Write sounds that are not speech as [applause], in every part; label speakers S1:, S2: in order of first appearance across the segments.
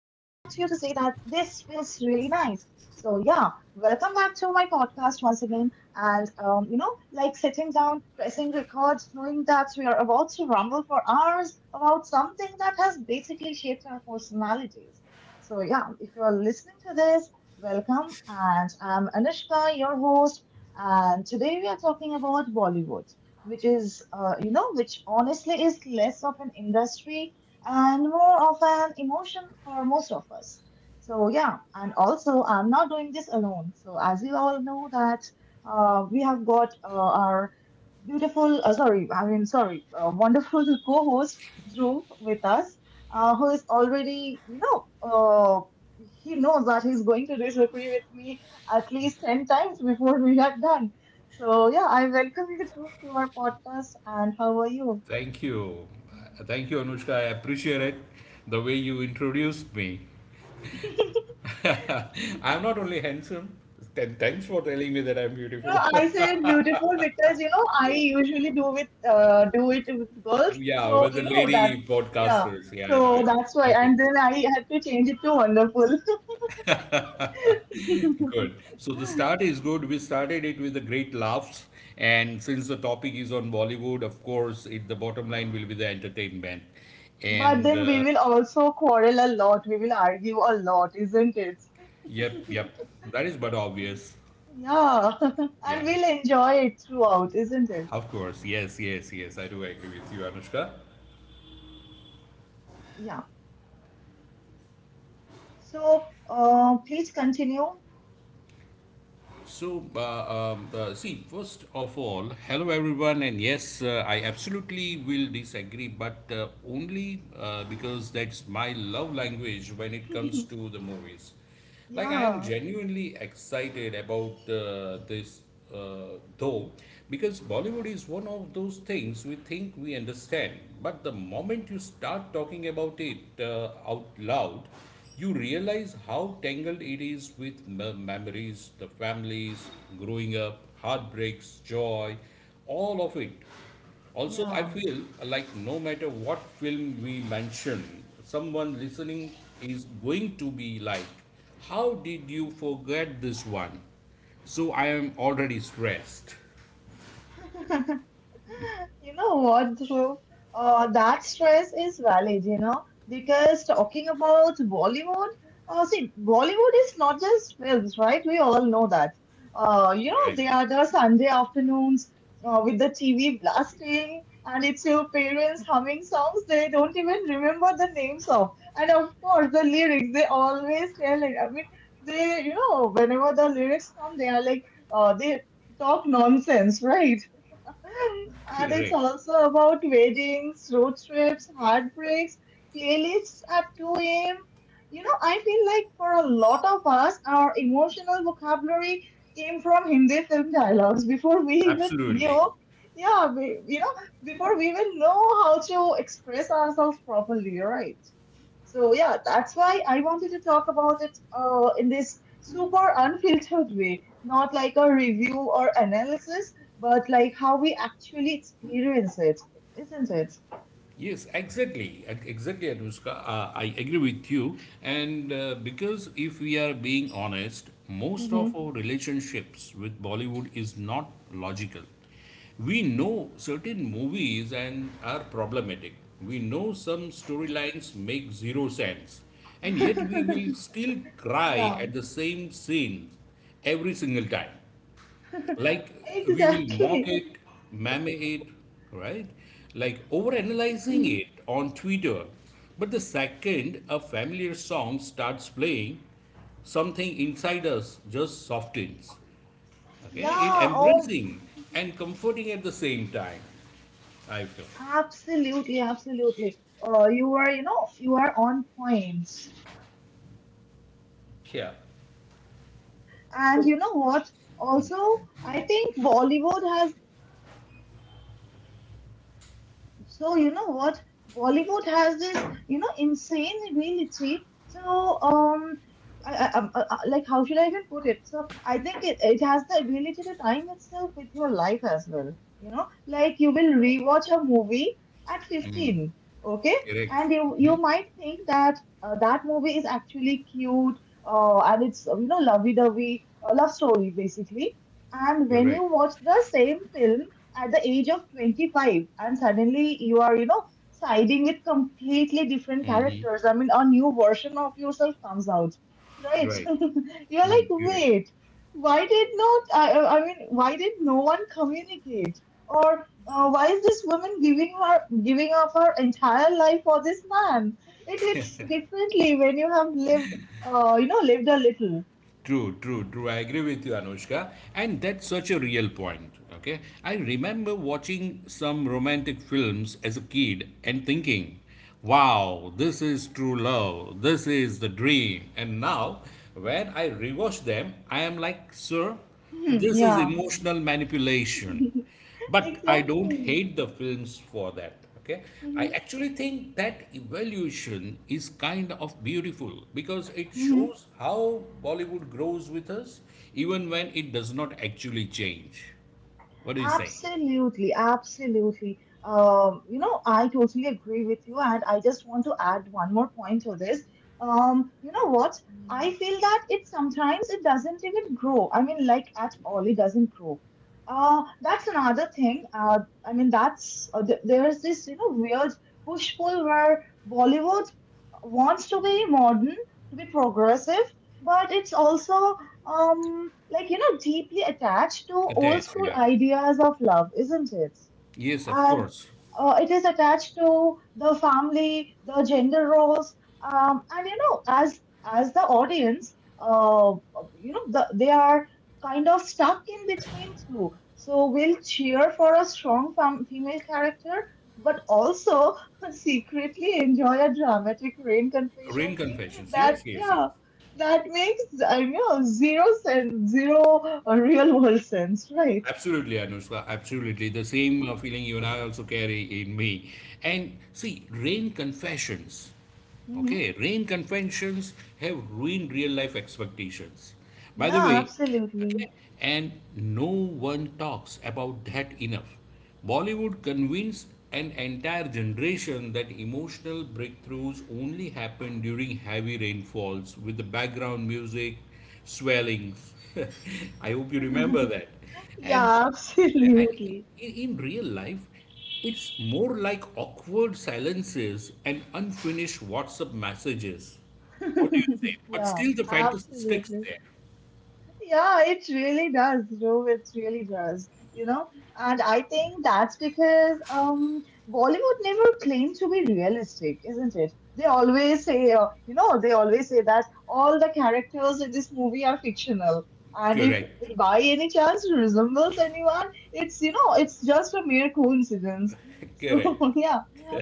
S1: really nice. So, yeah, welcome back to my podcast once again. And, like sitting down, pressing record, knowing that we are about to rumble for hours about something that has basically shaped our personalities. So, yeah, if you are listening to this, welcome. And I'm Anushka, your host, and today we are talking about Bollywood, which honestly is less of an industry and more of an emotion for most of us. So yeah, and also I'm not doing this alone. So as you all know that, we have got, our beautiful, sorry, I mean, sorry, wonderful [laughs] co-host Dhruv with us, who is already, you know, he knows that he's going to disagree with me at least 10 times before we are done. So, yeah, I welcome you through to our podcast. And how are you?
S2: Thank you. Thank you, Anushka. I appreciate it. The way you introduced me.
S1: [laughs]
S2: [laughs] I'm not only handsome. Thanks for telling me that I'm
S1: No,
S2: beautiful.
S1: I said beautiful because you know I usually do with, do it with
S2: [laughs]
S1: girls,
S2: Yeah,
S1: so
S2: with
S1: you
S2: the
S1: know that.
S2: lady
S1: Yeah.
S2: podcasters. Yeah, I know,
S1: So
S2: I know.
S1: that's why, and
S2: Happens.
S1: then I had to change it to wonderful.
S2: [laughs] Good.
S1: [laughs]
S2: So the start is good. We started it with the great laughs. And since the topic is on Bollywood, of course, the bottom line will be the entertainment.
S1: But
S2: And
S1: then we will also quarrel a lot. We will argue a lot, isn't it?
S2: yep, yep. That is but obvious.
S1: Yeah, [laughs] and
S2: Yeah.
S1: we'll enjoy it throughout, isn't it?
S2: Of course, yes, yes, yes. I do agree with you, Anushka.
S1: Yeah. So, please continue.
S2: So, see, first of all, hello everyone, and yes, I absolutely will disagree, but only because that's my love language when it comes to the movies. Like, I am
S1: Yeah,
S2: genuinely excited about this, though, because Bollywood is one of those things we think we understand, but the moment you start talking about it out loud, you realize how tangled it is with memories, the families, growing up, heartbreaks, joy, all of it. Also, I
S1: yeah.
S2: feel like no matter what film we mention, someone listening is going to be like, "How did you forget this one?" So I am already stressed.
S1: [laughs] You know what, Dhruv? That stress is valid, you know, because talking about Bollywood, see, Bollywood is not just films, right? We all know that. You know, they
S2: Correct.
S1: are the Sunday afternoons, with the TV blasting, and it's your parents humming songs they don't even remember the names of. And of course, the lyrics, they always tell it. I mean, they, you know, whenever the lyrics come, they are like, they talk nonsense, right? And it's
S2: Correct.
S1: also about weddings, road trips, heartbreaks, playlists at 2 a.m. You know, I feel like for a lot of us, our emotional vocabulary came from Hindi film dialogues before we even knew,
S2: Absolutely.
S1: yeah, before we even know how to express ourselves properly, right? So yeah, that's why I wanted to talk about it, in this super unfiltered way, not like a review or analysis, but like how we actually experience it, isn't it?
S2: Yes, exactly. Exactly, Anushka. I agree with you. And because if we are being honest, most
S1: Hmm.
S2: of our relationships with Bollywood is not logical. We know certain movies and are problematic. We know some storylines make zero sense, and yet we
S1: [laughs]
S2: will still cry
S1: Yeah,
S2: at the same scenes every single time.
S1: [laughs]
S2: Like, we will mock
S1: exactly.
S2: it, meme it, right? Like overanalyzing
S1: Hmm.
S2: it on Twitter. But the second a familiar song starts playing, something inside us just softens. Okay, it
S1: Yeah.
S2: embracing and comforting at the same time. I feel.
S1: Absolutely, absolutely. You are on point.
S2: Yeah.
S1: And
S2: So.
S1: you know what? Also,
S2: Mm.
S1: I think so you know what bollywood has this insane ability. So um like, how should I even put it? So I think it has the ability to time itself with your life as well. You know, like, you will rewatch a movie at 15. Okay.
S2: Correct,
S1: And you might think that, that movie is actually cute, and it's, lovey-dovey, love story basically. And
S2: correct,
S1: when you
S2: right,
S1: watch the same film at the age of 25, and suddenly you are, siding with completely different characters. I mean, a new version of yourself comes out, right?
S2: right,
S1: [laughs] You're
S2: mm,
S1: like,
S2: correct.
S1: wait, why did not I, I mean, why did no one communicate? Or, why is this woman, giving up her entire life for this man? It hits differently when you have lived you know lived a little.
S2: True, true, true. I agree with you, Anushka. And that's such a real point. Okay. I remember watching some romantic films as a kid and thinking, wow, this is true love. This is the dream. And now, when I rewatch them, I am like, sir,
S1: Hmm,
S2: this is
S1: yeah.
S2: emotional manipulation.
S1: [laughs]
S2: But I don't
S1: Exactly.
S2: hate the films for that. Okay, I
S1: Hmm.
S2: actually think that evolution is kind of beautiful because it shows how Bollywood grows with us, even when it does not actually change. What do you say?
S1: Absolutely, absolutely. You know, I totally agree with you, and I just want to add one more point to this. You know what? I feel that it sometimes it doesn't even grow. I mean, like, at all, it doesn't grow. That's another thing. I mean, that's, there is this, weird push pull where Bollywood wants to be modern, to be progressive, but it's also, deeply attached to old
S2: Attached,
S1: school
S2: yeah.
S1: ideas of love, isn't it?
S2: Yes, of
S1: And,
S2: course.
S1: it is attached to the family, the gender roles, and you know, as the audience, you know, they are kind of stuck in between two. So we'll cheer for a strong, female character, but also [laughs] secretly enjoy a dramatic rain
S2: Ring
S1: confession scene.
S2: confessions.
S1: That,
S2: Yes, yes, yes.
S1: yeah, that makes, I know, zero sense, zero, real world sense, right?
S2: Absolutely, Anushka. Absolutely. The same feeling you and I also carry in me. And see, rain confessions.
S1: Mm-hmm.
S2: Okay, rain confessions have ruined real life expectations. By the
S1: Yeah,
S2: way.
S1: absolutely.
S2: Okay? And no one talks about that enough. Bollywood convinced an entire generation that emotional breakthroughs only happen during heavy rainfalls with the background music swellings. [laughs] I hope you remember that. And,
S1: Yeah, [laughs]
S2: and
S1: absolutely.
S2: in, in real life, it's more like awkward silences and unfinished WhatsApp messages. What do you say?
S1: [laughs]
S2: But
S1: Yeah,
S2: still, the fantasy sticks
S1: absolutely.
S2: there.
S1: Yeah, it really does, Dhruv. It really does. You know, and I think that's because, Bollywood never claimed to be realistic, isn't it? They always say, you know, they always say that all the characters in this movie are fictional, and if
S2: Correct.
S1: it by any chance resembles anyone, it's just a mere coincidence.
S2: Correct.
S1: So, [laughs] yeah,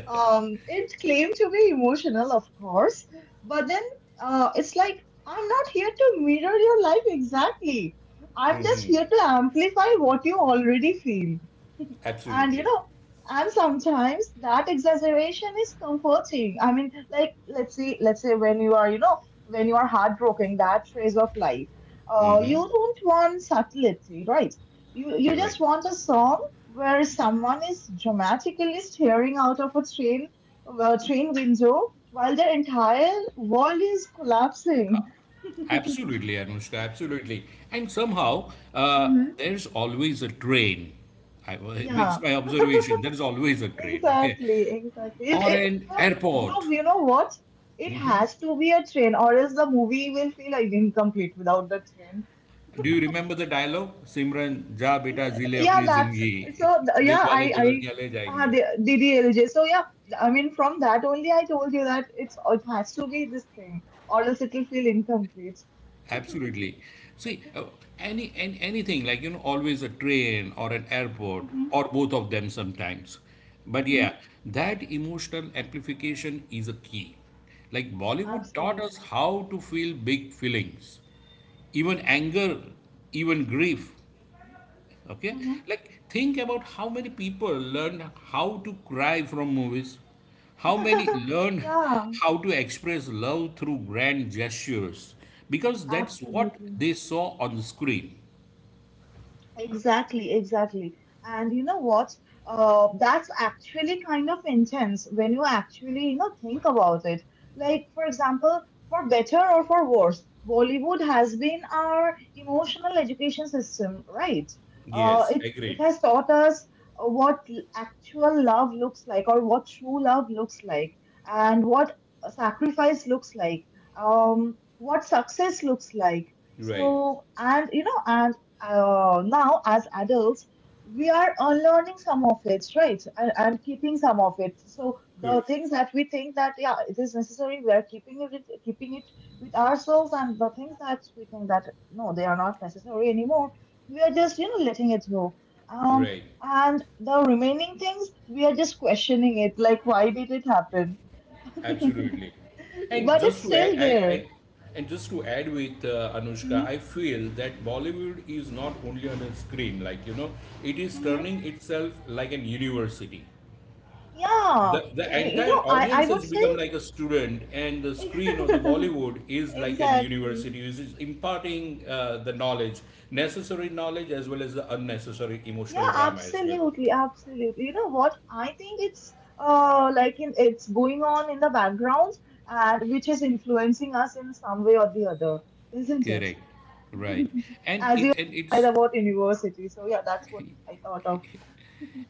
S1: it claimed to be emotional, of course, but then, it's like, I'm not here to mirror your life exactly. I'm just here to amplify what you already feel. And you
S2: Absolutely.
S1: know, and sometimes that exaggeration is comforting. I mean, like, let's say when you are, you know, when you are heartbroken, that phase of life, you don't want subtlety, right? You
S2: Correct.
S1: just want a song where someone is dramatically staring out of a train window while their entire world is collapsing.
S2: Absolutely, Anushka. Absolutely. And somehow, there's always a train. I,
S1: Yeah,
S2: it's my observation. There is always a
S1: [laughs]
S2: train. Okay.
S1: exactly, exactly.
S2: Or an airport.
S1: Dhruv, you know what? It has to be a train, or else the movie will feel like incomplete without the train.
S2: Do you remember the dialogue? Simran, ja
S1: It's,
S2: beta zile
S1: yeah,
S2: apni zindagi. [laughs] Dil
S1: Yeah,
S2: wale dulhaniya le jayenge.
S1: DDLJ. So yeah, I mean, from that only, I told you that it has to be this thing, or else it will feel incomplete.
S2: Absolutely. See, any, anything, like, always a train or an airport,
S1: Mm-hmm,
S2: or both of them sometimes. But yeah,
S1: mm-hmm,
S2: that emotional amplification is a key. Like, Bollywood taught us
S1: absolutely.
S2: how to feel big feelings, even anger, even grief. Okay?
S1: Mm-hmm.
S2: Like, think about how many people learned how to cry from movies, how many
S1: [laughs]
S2: learned
S1: Yeah,
S2: [laughs] how to express love through grand gestures, because that's what
S1: absolutely.
S2: they saw on the screen.
S1: Exactly, exactly. And you know what? That's actually kind of intense when you actually, you know, think about it. Like, for example, for better or for worse, Bollywood has been our emotional education system, right? Uh,
S2: Yes,
S1: it it
S2: agreed.
S1: has taught us, actual love looks like, or what true love looks like, and what sacrifice looks like, what success looks like.
S2: Right.
S1: So, and you know, and, now as adults, we are unlearning some of it, right? And, keeping some of it, so the
S2: Correct.
S1: things that we think that, yeah, it is necessary, we are keeping it with ourselves, and the things that we think that, no, they are not necessary anymore, we are just, you know, letting it go, um
S2: Right.
S1: and the remaining things we are just questioning it, like, why did it happen?
S2: Absolutely. And
S1: But
S2: just
S1: it's
S2: to add,
S1: still there.
S2: and just to add with Anushka,
S1: Hmm.
S2: I feel that Bollywood is not only on a screen. Like, it is
S1: Hmm.
S2: turning itself like an university.
S1: Yeah.
S2: The
S1: You
S2: entire
S1: know, I
S2: audience
S1: would
S2: has become like a student, and the
S1: say.
S2: screen or the Bollywood is
S1: [laughs]
S2: like an
S1: Exactly.
S2: university, which is imparting the knowledge, necessary knowledge, as well as the unnecessary emotional
S1: Yeah,
S2: drama as well.
S1: absolutely, absolutely. You know what? I think it's going on in the background and which is influencing us in some way or the other, isn't it?
S2: Correct. Right. And
S1: As
S2: it
S1: you
S2: and
S1: said
S2: it's
S1: about university. So yeah, that's what I thought of.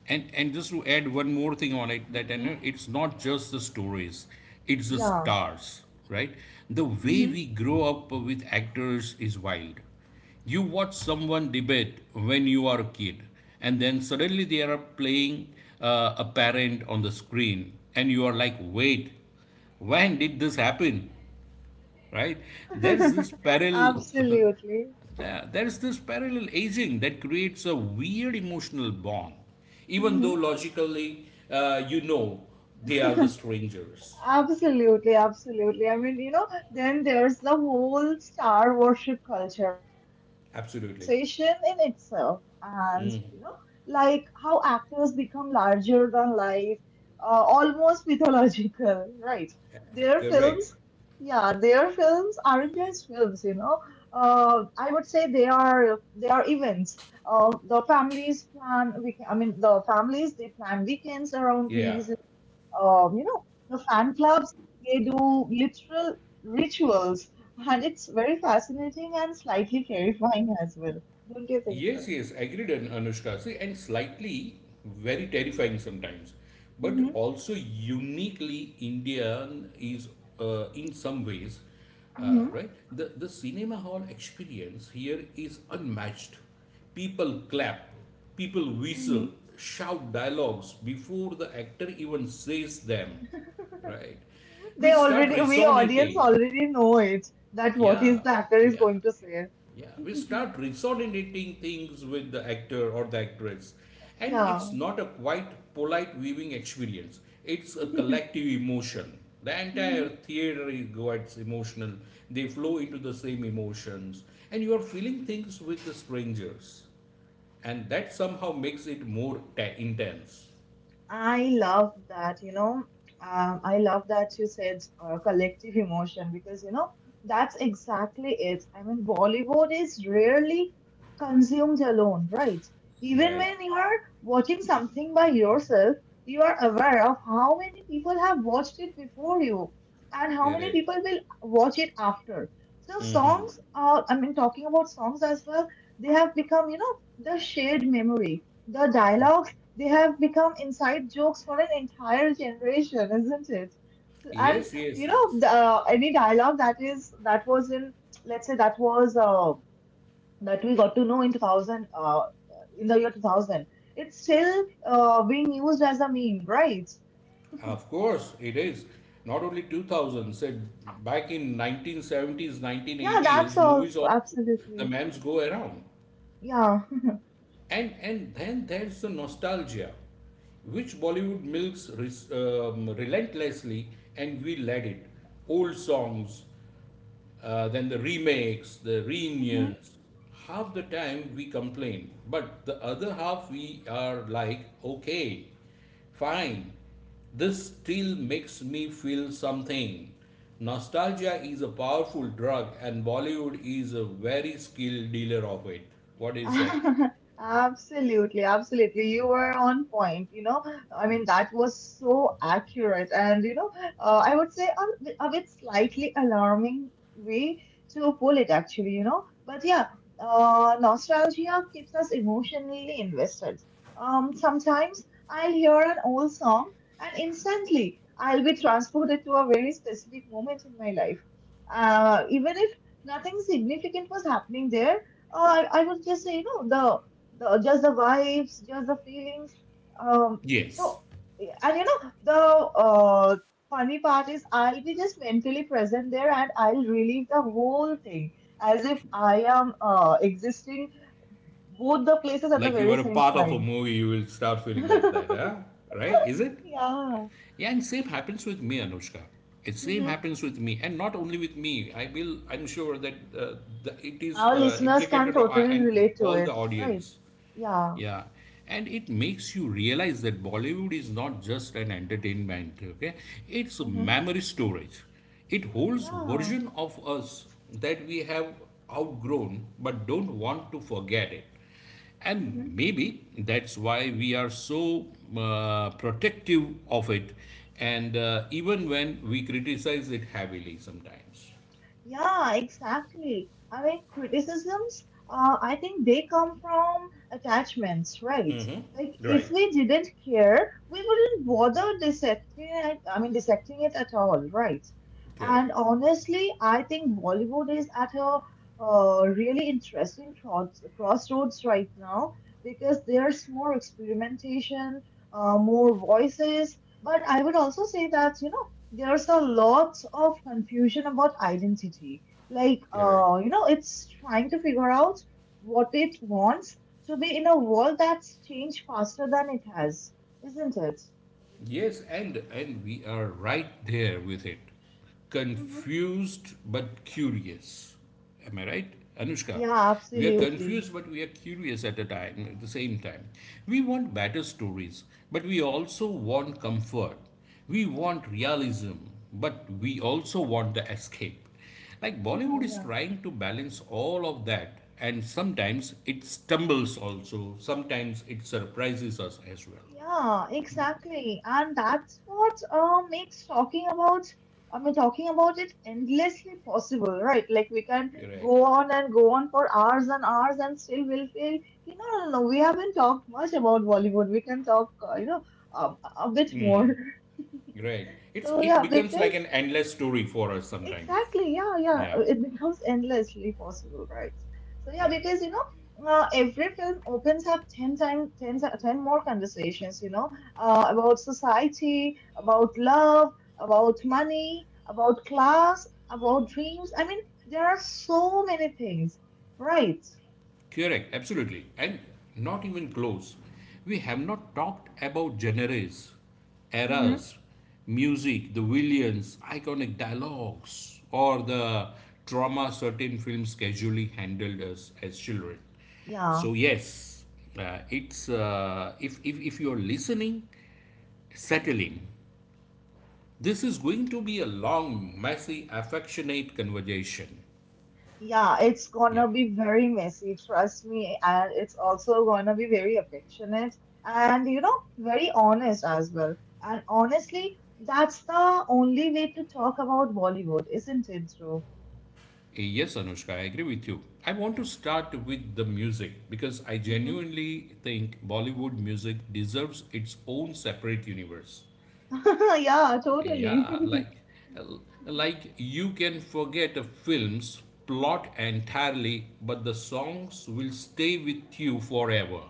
S2: And just to add one more thing on it, that
S1: Hmm.
S2: and it's not just the stories, it's the
S1: Yeah.
S2: stars, right? The way
S1: Hmm.
S2: we grow up with actors is wild. You watch someone debate when you are a kid, and then suddenly they are playing a parent on the screen, and you are like, wait, when did this happen? Right, there is this
S1: [laughs]
S2: parallel [laughs]
S1: Absolutely.
S2: there is this parallel aging that creates a weird emotional bond even
S1: Hmm.
S2: though logically you know they are the
S1: [laughs]
S2: strangers
S1: Absolutely, absolutely. I mean, you know, then there's the whole star worship culture, right? Which is a
S2: absolutely
S1: conversation in itself. And, you know, like how actors become larger than life, almost [laughs] mythological, right? Their
S2: correct
S1: films, yeah, their films aren't just films, you know. I would say they are events. The families plan week. I mean, the families, they plan weekends around
S2: yeah
S1: releases, you know, the fan clubs, they do literal rituals, and it's very fascinating and slightly terrifying [laughs] as well. Don't you think so?
S2: Yes, yes, agreed, An- Anushka. See, and slightly very terrifying sometimes, but
S1: Hmm.
S2: also uniquely Indian is in some ways,
S1: Hmm.
S2: right? The cinema hall experience here is unmatched. People clap, people
S1: Hmm.
S2: whistle, shout dialogues before the actor even says them, right?
S1: They
S2: We start
S1: already, we audience
S2: resonating.
S1: already know it, that what is
S2: Yeah,
S1: the actor is
S2: yeah.
S1: going to say.
S2: Yeah, we start resonating things with the actor or the actress. And it's
S1: Yeah.
S2: not a quite polite viewing experience, it's a collective emotion. The entire
S1: Mhm.
S2: theater is- gets emotional, they flow into the same emotions, and you are feeling things with the strangers. And that somehow makes it more ta- intense.
S1: I love that, you know. I love that you said, collective emotion because, you know, that's exactly it. I mean, Bollywood is rarely consumed alone, right? Even
S2: Right,
S1: when you are watching something by yourself, you are aware of how many people have watched it before you, and how many
S2: correct.
S1: people will watch it after. So,
S2: Mm-hmm.
S1: songs, are. I mean, talking about songs as well, they have become, you know, the shared memory, the dialogue, they have become inside jokes for an entire generation, isn't it? And
S2: Yes, yes,
S1: you know,
S2: yes.
S1: any dialogue that was in, let's say that was, that we got to know in 2000, in the year 2000, it's still, being used as a meme, right?
S2: Of course, it is. Not only 2000s, eh, back in 1970s,
S1: Yeah, that's
S2: 1980s, movies
S1: also
S2: of the
S1: absolutely.
S2: memes go around.
S1: Yeah.
S2: And then there's the nostalgia, which Bollywood milks res, relentlessly, and we let it. Old songs, then the remakes, the reunions. Half the time we complain, but the other half we are like, okay, fine, this still makes me feel something. Nostalgia is a powerful drug, and Bollywood is a very skilled dealer of it. What do you say?
S1: [laughs] Absolutely, absolutely. You were on point, you know. I mean, that was so accurate. And, you know, I would say a bit slightly alarming way to pull it, actually, you know. But yeah, nostalgia keeps us emotionally invested. Sometimes I'll hear an old song, and instantly I'll be transported to a very specific moment in my life. Even if nothing significant was happening there, oh, I would just say, you know, the just the vibes, just the feelings. Um, so
S2: Yes.
S1: yeah, and you know, the funny part is I'll be just mentally present there and I'll relive the whole thing as if I am existing both the places at the
S2: Like you
S1: very
S2: are a
S1: same
S2: part of a
S1: time.
S2: movie, you will start feeling like that,
S1: [laughs]
S2: huh? Right? Is it?
S1: Yeah.
S2: Yeah, and same happens with me, Anushka. It same
S1: hmm
S2: happens with me, and not only with me. I will. I'm sure that the, it is
S1: Our listeners can
S2: implicated on,
S1: totally
S2: and
S1: relate to
S2: all the
S1: it, right?
S2: audience.
S1: Yeah.
S2: Yeah, and it makes you realize that Bollywood is not just an entertainment, okay? It's
S1: hmm
S2: memory storage. It holds
S1: Yeah.
S2: version of us that we have outgrown but don't want to forget it.
S1: Mm-hmm.
S2: And maybe that's why we are so protective of it and even when we criticize it heavily sometimes.
S1: Yeah, exactly. I mean, criticisms, I think they come from attachments, right? Like, if
S2: Right.
S1: we didn't care, we wouldn't bother dissecting it, I mean, dissecting it at all, right?
S2: Correct.
S1: And honestly, I think Bollywood is at a really interesting crossroads right now because there's more experimentation, more voices. But I would also say that, you know, there's a lot of confusion about identity. Like,
S2: Correct.
S1: you know, it's trying to figure out what it wants to be in a world that's changed faster than it has, isn't it?
S2: Yes, and we are right there with it.
S1: hmm
S2: Confused but curious. Am I right? Anushka,
S1: Yeah,
S2: we are
S1: absolutely.
S2: confused but we are curious at a time at the same time. We want better stories, but we also want comfort. We want realism, but we also want the escape. Like Bollywood
S1: hmm
S2: is
S1: Yeah. [laughs]
S2: trying to balance all of that and sometimes it stumbles also. Sometimes it surprises us as well.
S1: Yeah, exactly. And that's what makes talking about, I mean, talking about it endlessly possible, right? Like we can
S2: You're right.
S1: go on and go on for hours and hours and still we'll feel, you know, no, no, we haven't talked much about Bollywood. We can talk, you know, a bit more. [laughs]
S2: Right. It's
S1: So
S2: it
S1: yeah,
S2: becomes
S1: because
S2: like an endless story for us sometimes.
S1: Exactly. Yeah, yeah.
S2: Yeah.
S1: It becomes endlessly possible, right? So yeah,
S2: Right.
S1: because you know, every film opens up ten times, 10 more conversations. You know, about society, about love, about money, about class, about dreams. I mean, there are so many things, right?
S2: Correct. Absolutely. And not even close. We have not talked about genres,
S1: hmm
S2: eras, music, the villains, iconic dialogues, or the trauma certain films casually handled us as children.
S1: Yeah.
S2: So yes, it's if you're listening, settle in This is going to be a long, messy, affectionate conversation.
S1: Yeah, it's
S2: Yeah.
S1: gonna be very messy, trust me, and it's also gonna be very affectionate and you know, very honest as well. And honestly, that's the only way to talk about Bollywood, isn't it, Dhruv?
S2: Eh, Yes, Anushka, I agree with you. I want to start with the music because I
S1: hmm
S2: genuinely think Bollywood music deserves its own separate universe.
S1: [laughs] Yeah, totally.
S2: Yeah,
S1: [laughs]
S2: like you can forget a film's plot entirely, but the songs will stay with you forever.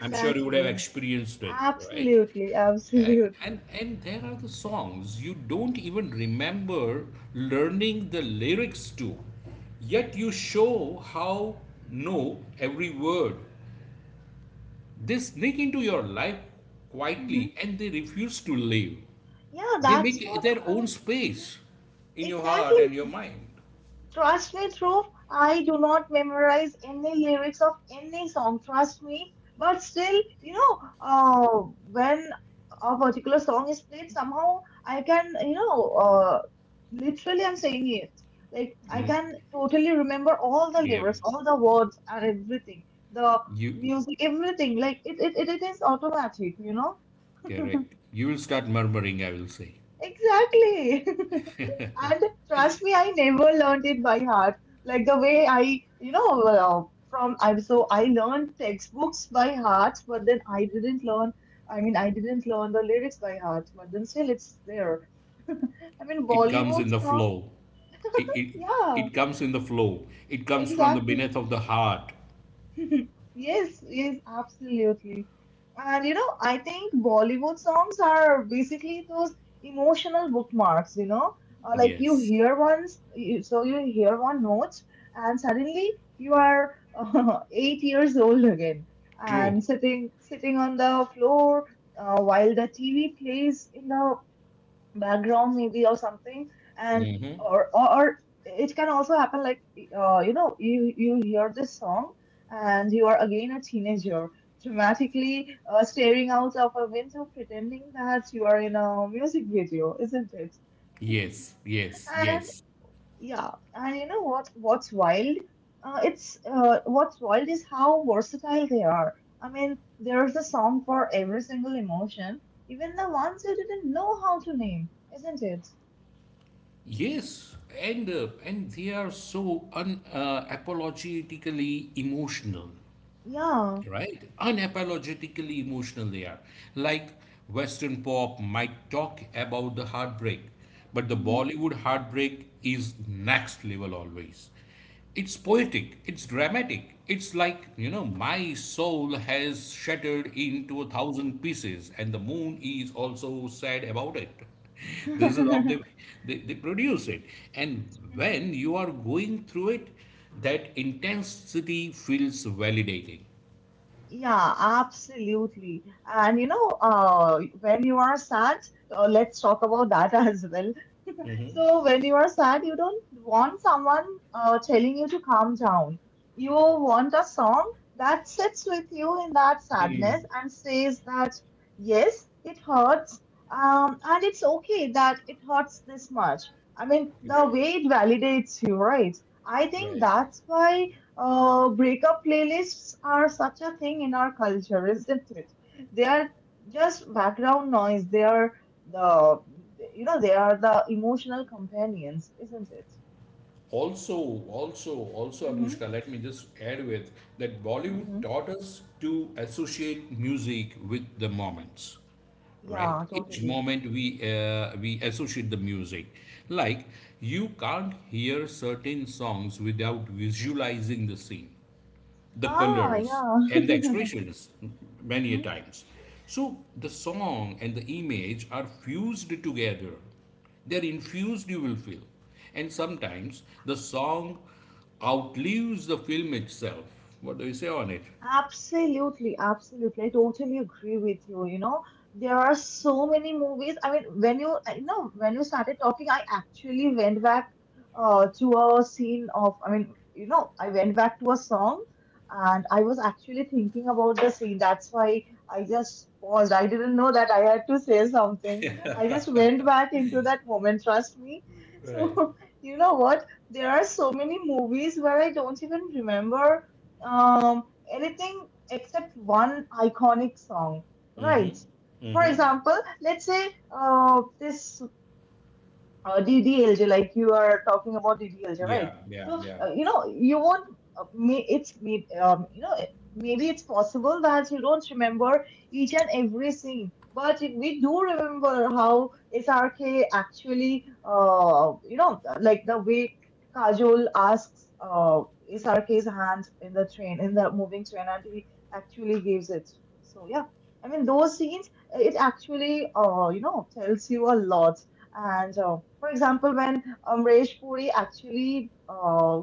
S2: I'm sure you would have experienced it, right?
S1: Absolutely,
S2: A-
S1: absolutely.
S2: and there are the songs you don't even remember learning the lyrics to, yet you show how know every word. They sneak into your life
S1: hmm
S2: quietly and they refuse to leave.
S1: Yeah,
S2: They
S1: that's
S2: make
S1: what.
S2: their own
S1: Uh, mhm.
S2: space in your
S1: Exactly.
S2: heart and your mind.
S1: Trust me, Dhruv, I do not memorize any lyrics of any song, trust me. But still, you know, when a particular song is played, somehow I can, you know, literally I'm saying it. Like, I can totally remember all the
S2: Yeah,
S1: lyrics, all the words and everything, the
S2: you
S1: music, everything. Like, it is automatic, you know?
S2: correct. You will start murmuring. I will say
S1: Exactly. [laughs] And trust me, I never learned it by heart. Like the way I, you know, from I'm so I learned textbooks by heart, but then I didn't learn. I mean, I didn't learn the lyrics by heart, but then still it's there. [laughs] I mean,
S2: it comes
S1: Bollywood
S2: in the
S1: song.
S2: flow. It it
S1: Yeah,
S2: it comes in the flow. It comes from the
S1: exactly.
S2: beneath of the heart.
S1: [laughs] Yes, yes, absolutely. And you know, I think Bollywood songs are basically those emotional bookmarks, you know, like you
S2: Yes,
S1: hear one, you hear one note, and suddenly you are [laughs] 8 years old again, and
S2: true.
S1: sitting on the floor while the TV plays in the background maybe or something and or it can also happen like you know you hear this song and you are again a teenager dramatically staring out of a window pretending that you are in a music video, isn't it?
S2: Yes, yes,
S1: And
S2: yes,
S1: yeah, and you know what, what's wild is how versatile they are. I mean, there's a song for every single emotion, even the ones you didn't know how to name, isn't it?
S2: yes. And they are so un apologetically emotional,
S1: Yeah.
S2: right? Unapologetically emotional they are. Like Western pop might talk about the heartbreak, but the
S1: Mhm.
S2: Bollywood heartbreak is next level always. It's poetic, it's dramatic. It's like, you know, my soul has shattered into a thousand pieces, and the moon is also sad about it. [laughs] This is how
S1: [laughs]
S2: they produce it. And when you are going through it, that intensity feels validating.
S1: Yeah, absolutely. And you know, when you are sad, let's talk about that [laughs] as well. So when you are sad, you don't want someone telling you to calm down. You want a song that sits with you in that
S2: Hmm.
S1: sadness and says that yes, it hurts, and it's okay that it hurts this much. I mean, the
S2: Right,
S1: way it validates you, right? I think
S2: right.
S1: that's why breakup playlists are such a thing in our culture, isn't it? They are just background noise. They are the, you know, they are the emotional companions, isn't it?
S2: Also, also, also,
S1: Mm-hmm.
S2: Anushka, let me just add with that Bollywood
S1: Mm-hmm.
S2: taught us to associate music with the moments. Right
S1: Yeah,
S2: each
S1: totally.
S2: moment we associate the music like you can't hear certain songs without visualizing the scene the
S1: Ah,
S2: colors
S1: yeah.
S2: and the expressions many a
S1: [laughs]
S2: times so the song and the image are fused together they're infused you will feel and sometimes the song outlives the film itself what do you say on it
S1: Absolutely, absolutely. I totally agree with you. You know, there are so many movies. I mean, when you, I know, when you started talking, I actually went back to a scene of, I mean, you know, I went back to a song and I was actually thinking about the scene. That's why I just paused. I didn't know that I had to say something. I just went back into that moment, trust me.
S2: Right.
S1: So, [laughs] you know what? There are so many movies where I don't even remember. Um, Anything except one iconic song, right?
S2: Mm-hmm.
S1: For
S2: Mm-hmm.
S1: example, let's say this DDLJ, like you are talking about DDLJ, right?
S2: yeah yeah
S1: So,
S2: yeah
S1: you know, you won't, may, it's, may, you know, maybe it's possible that you don't remember each and every scene, but we do remember how SRK actually, you know, like the way Kajol asks SRK's hand in the train, in the moving train, and he actually gives it. So, yeah. I mean, those scenes, it actually, you know, tells you a lot and for example, when Amresh Puri actually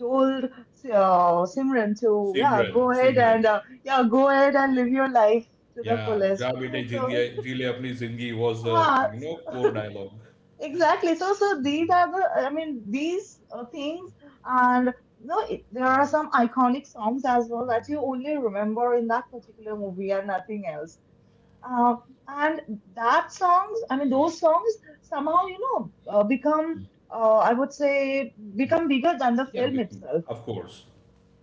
S1: told Simran to
S2: Simran,
S1: go ahead
S2: Simran.
S1: and go ahead and live your life to the
S2: Yeah,
S1: fullest.
S2: जा बेटे
S1: So
S2: जी ले अपनी जिंदगी was the
S1: ah
S2: core dialogue.
S1: exactly. So so these are the, I mean, these things and no it, there are some iconic songs as well that you only remember in that particular movie and nothing else. Uh, and that songs, I mean, Those songs somehow, you know, become, I would say, become bigger than the
S2: Yeah,
S1: film itself,
S2: of course.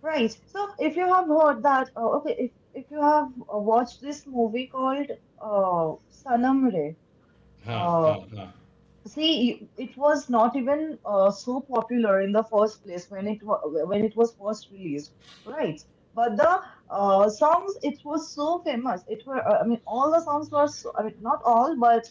S1: right? So if you have heard that, okay, if you have watched this movie called Sanam Re,
S2: Ha
S1: uh,
S2: ha ha.
S1: see, it was not even so popular in the first place when when it was first released, right? But the songs, it was so famous. It were, all the songs were, so, I mean, not all, but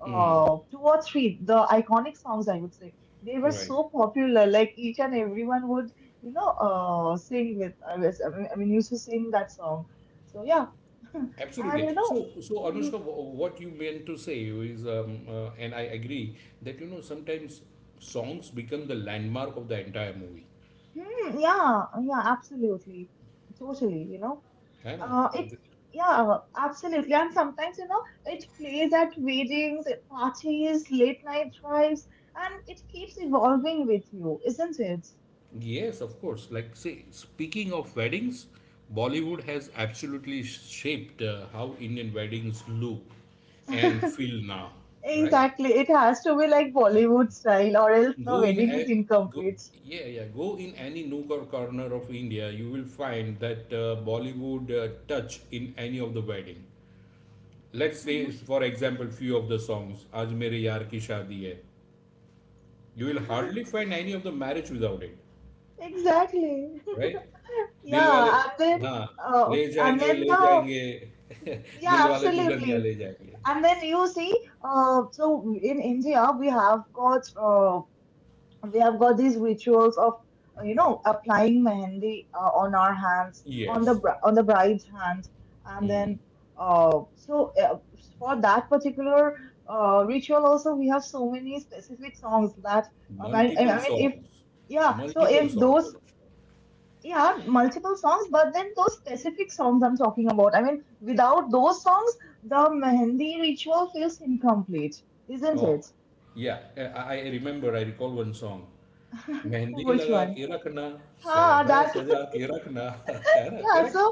S1: two or three, the iconic songs, I would say, they were
S2: Right.
S1: so popular. Like each and everyone would, you know, sing with. I mean, used to sing that song. So yeah, [laughs]
S2: Absolutely.
S1: and you
S2: So
S1: know.
S2: Anushka,
S1: [laughs]
S2: what you meant to say is, and I agree that you know sometimes songs become the landmark of the entire movie.
S1: Hmm, yeah, yeah, absolutely. Totally, you know.
S2: है ना
S1: Uh, it, yeah, absolutely. And sometimes, you know, it plays at weddings, at parties, late night drives, and it keeps evolving with you, isn't it?
S2: Yes, of course. Like, say, speaking of weddings, Bollywood has absolutely shaped how Indian weddings look and feel now,
S1: [laughs]
S2: right?
S1: Exactly. It has to be like Bollywood style, or else the
S2: Go in
S1: wedding
S2: a
S1: is
S2: go,
S1: incomplete.
S2: yeah, yeah. Go in any nook or corner of India, you will find that Bollywood touch in any of the wedding. Let's say, for example, few of the songs, "Aaj Mere Yaar Ki Shaadi Hai." You will
S1: Mhm.
S2: hardly find any of the marriage without it.
S1: [laughs] Exactly. [laughs]
S2: Right दिल वाले
S1: Yeah, and then,
S2: हाँ
S1: uh, and then
S2: ले
S1: the,
S2: जाएंगे [laughs] दिल
S1: yeah,
S2: वाले Dulhania
S1: absolutely.
S2: ले जाएंगे
S1: And then you see, so in India we have got these rituals of you know applying mehendi on our hands, on
S2: yes
S1: on the bride's hands, and then uh, so uh, for that particular ritual also we have so many specific songs that
S2: multiple
S1: I mean if
S2: songs
S1: yeah so
S2: multiple
S1: if
S2: songs
S1: those
S2: Anushka
S1: yeah, multiple songs, but then those specific songs I'm talking about. I mean, without those songs, the Mehendi ritual feels incomplete, isn't it?
S2: Oh yeah I remember I recall one song mehndi
S1: Which
S2: लगा
S1: one?
S2: के रखना
S1: Ah,
S2: सेहरा
S1: that
S2: सजा के रखना [laughs] है
S1: [laughs]
S2: ना
S1: yeah,
S2: correct
S1: so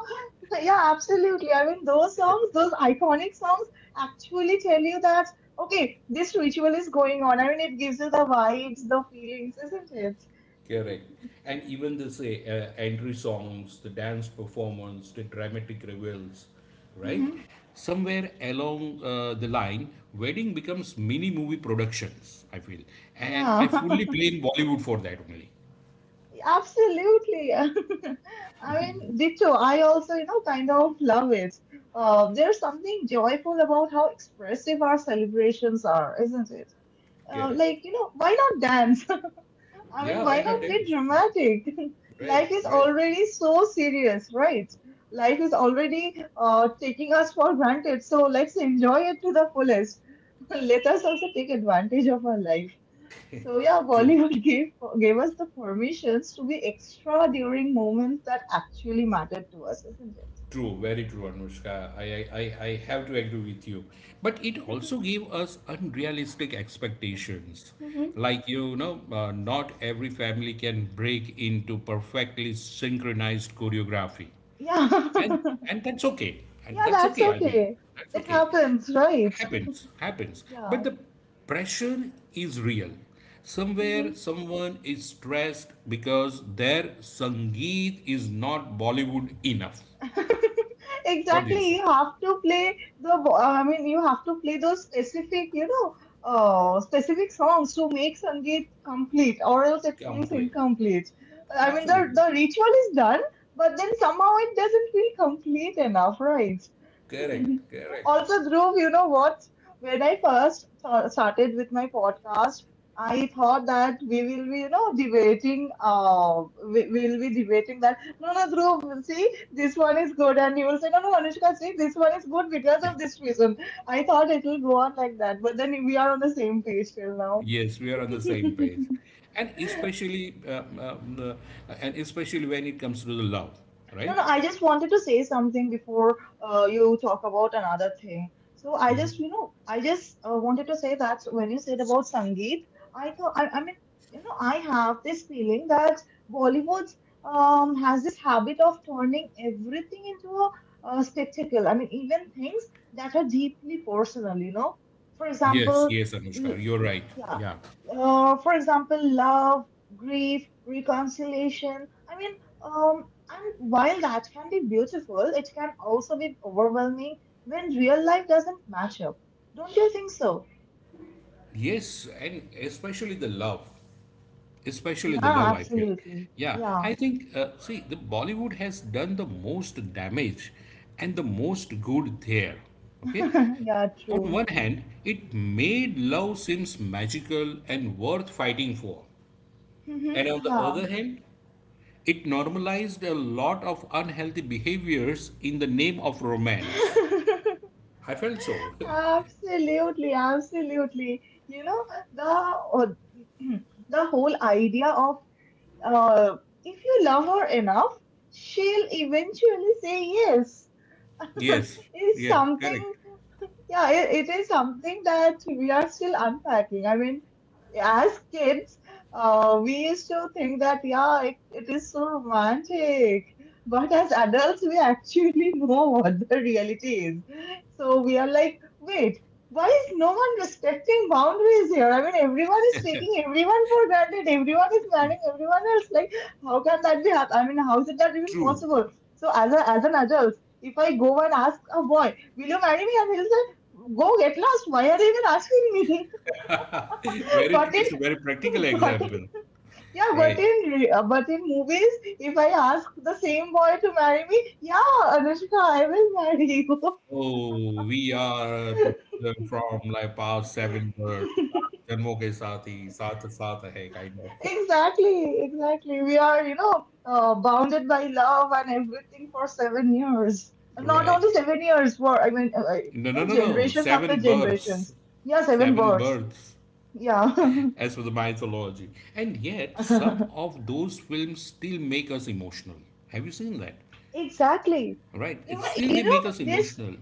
S1: yeah, absolutely. I mean, those songs, those iconic songs actually tell you that okay, this ritual is going on. I mean, it gives you the vibes, the feelings, isn't it?
S2: Correct. And even the say entry songs, the dance performance, the dramatic revels, right?
S1: hmm
S2: Somewhere along the line, wedding becomes mini movie productions. I feel, and
S1: Yeah.
S2: I
S1: [laughs]
S2: fully blame Bollywood for that only.
S1: Absolutely. [laughs] I mean, ditto. I also, you know, kind of love it. There's something joyful about how expressive our celebrations are, isn't it?
S2: Correct.
S1: Like, you know, why not dance? [laughs] I mean,
S2: Yeah.
S1: why
S2: Why
S1: not
S2: not
S1: be
S2: dance? Yeah.
S1: dramatic? [laughs]
S2: Right.
S1: Life is
S2: Right.
S1: already so serious, right? Life is already taking us for granted. So let's enjoy it to the fullest. [laughs] Let us also take advantage of our life. So yeah,
S2: True.
S1: Bollywood [laughs] gave us the permissions to be extra during moments that actually mattered to us, isn't it?
S2: True, very true, Anushka. I have to agree with you. But it also gave us unrealistic expectations.
S1: hmm
S2: Like, you know, not every family can break into perfectly synchronized choreography.
S1: Yeah,
S2: And,
S1: [laughs]
S2: and that's okay. And
S1: yeah,
S2: that's
S1: that's
S2: okay, I mean,
S1: okay.
S2: that's
S1: It
S2: okay.
S1: happens, right?
S2: Happens, happens. But
S1: Yeah,
S2: the pressure is real. Somewhere,
S1: hmm
S2: someone is stressed because their Sangeet is not Bollywood enough. What do you
S1: exactly.
S2: say?
S1: You have to play the. You have to play those specific, you know, specific songs to make Sangeet complete, or else it feels
S2: Complete.
S1: incomplete. I mean,
S2: Absolutely.
S1: the ritual is done, but then somehow it doesn't feel complete enough, right?
S2: Correct. Correct.
S1: Also, Dhruv, you know what? When I first started with my podcast, I thought that we will be, you know, debating. We will be debating that. No, no, Dhruv, see, this one is good, and you will say, no, no, Anushka, see, this one is good because of this reason. I thought it will go on like that, but then we are on the same page till now.
S2: Yes, we are on the same page. And especially, um, um, and especially when it comes to the love,
S1: No,
S2: right?
S1: no, I just wanted to say something before you talk about another thing. So I just, you know, I just wanted to say that when you said about Sangeet, I thought, I mean, you know, I have this feeling that Bollywood has this habit of turning everything into a, spectacle. I mean, even things that are deeply personal, you know. For
S2: Yes,
S1: example,
S2: yes,
S1: l-
S2: Anushka, you're right.
S1: yeah,
S2: Yeah.
S1: for example, love, grief, reconciliation. And while that can be beautiful, it can also be overwhelming when real life doesn't match up. Don't you think so?
S2: Yes, and especially
S1: Yeah,
S2: the love, I feel.
S1: absolutely.
S2: Yeah,
S1: Yeah,
S2: I think, see, the Bollywood has done the most damage and the most good there. Okay,
S1: [laughs] yeah,
S2: on
S1: true.
S2: one hand, it made love seems magical and worth fighting for.
S1: Mhm.
S2: And on the
S1: Yeah.
S2: other hand, it normalized a lot of unhealthy behaviors in the name of romance.
S1: [laughs]
S2: I felt so. [laughs]
S1: Absolutely, absolutely. You know, the [clears throat] the whole idea of Uh, if you love her enough, she'll eventually say yes.
S2: yes,
S1: It's
S2: yeah,
S1: something,
S2: correct.
S1: it is something that we are still unpacking. I mean, as kids, we used to think that, yeah, it is so romantic. But as adults, we actually [laughs] know what the reality is. So we are like, wait, why is no one respecting boundaries here? I mean, everyone is taking everyone for granted. Everyone is marrying everyone else. Like, how can that be? I mean, how is it that even
S2: True.
S1: possible? So as an adult, if I go and ask a boy, will you marry me? And he'll say, go get lost. Why are you even asking me? [laughs]
S2: [laughs] very true.
S1: But in
S2: It's a very practical
S1: [laughs] but in,
S2: example.
S1: yeah, but
S2: Right.
S1: in re- But in movies, if I ask the same boy to marry me, yeah, Anushka, I will marry you.
S2: Oh, we are to
S1: [laughs]
S2: learn from like past seven words. जन्मों के saath ही साथ साथ है kind of
S1: Exactly, exactly. We are, you know, bounded by love and everything for 7 years.
S2: [laughs]
S1: Not
S2: right.
S1: only 7 years, for I mean,
S2: No,
S1: you
S2: no,
S1: know,
S2: no, no.
S1: generations after
S2: Seven births.
S1: generations. Yeah, seven
S2: Seven
S1: births.
S2: births,
S1: Yeah,
S2: as for the mythology. And yet, some
S1: [laughs]
S2: of those films still make us emotional. Have you seen that?
S1: exactly.
S2: Right? It's still they
S1: You know
S2: make us
S1: this.
S2: emotional.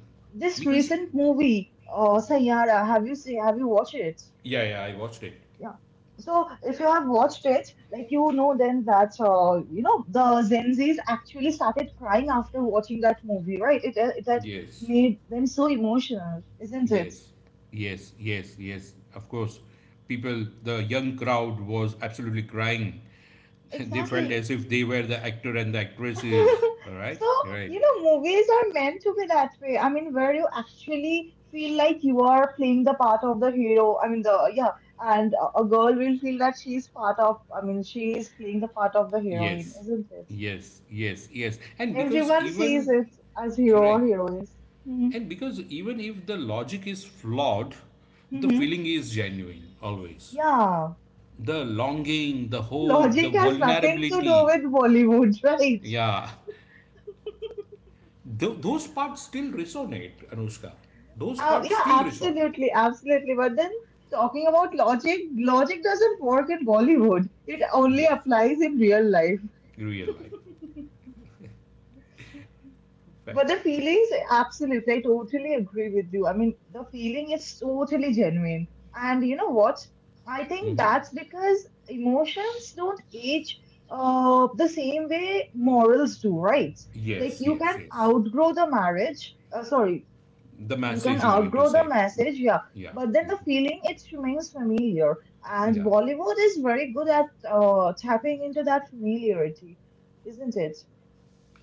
S1: This
S2: Because.
S1: recent movie, Sayyara, have you watched it?
S2: Yeah, yeah, I watched it.
S1: Yeah. So if you have watched it, like you know then that you know the Gen Zs actually started crying after watching that movie, right? It had
S2: Yes,
S1: made them so emotional, isn't it?
S2: yes, yes, yes, yes. Of course, people, the young crowd was absolutely crying. [laughs] They felt
S1: Exactly.
S2: as if they were the actor and the actresses.
S1: [laughs]
S2: All right,
S1: So,
S2: right.
S1: you know, movies are meant to be that way. I mean, where you actually feel like you are playing the part of the hero. Yeah, and a girl will feel that she's part of, I mean, she is playing the part of the heroine,
S2: Yes,
S1: isn't it?
S2: yes, yes, yes. And because
S1: Everyone sees
S2: even,
S1: it as hero
S2: right,
S1: or heroines. Hmm.
S2: and because even if the logic is flawed, the
S1: Hmm.
S2: feeling is genuine always.
S1: Yeah.
S2: The longing, the hope, the
S1: Logic has nothing to do
S2: vulnerability,
S1: with Bollywood, [laughs] right?
S2: yeah, those parts still resonate, Anushka. Those parts
S1: Yeah,
S2: still resonate.
S1: absolutely, absolutely. But then talking about logic, logic doesn't work in Bollywood. It only
S2: Yes,
S1: applies in real life.
S2: real life.
S1: But the
S2: Fact.
S1: feelings, absolutely, I totally agree with you. I mean, the feeling is totally genuine. And you know what? I think that's because emotions don't age the same way morals do, right? Like
S2: Yes,
S1: you
S2: yes,
S1: can
S2: yes.
S1: outgrow the marriage, sorry,
S2: The
S1: you can
S2: message you meant to
S1: outgrow the
S2: say.
S1: message, yeah,
S2: Yeah,
S1: but then the feeling it remains familiar. And
S2: yeah.
S1: Bollywood is very good at tapping into that familiarity, isn't it?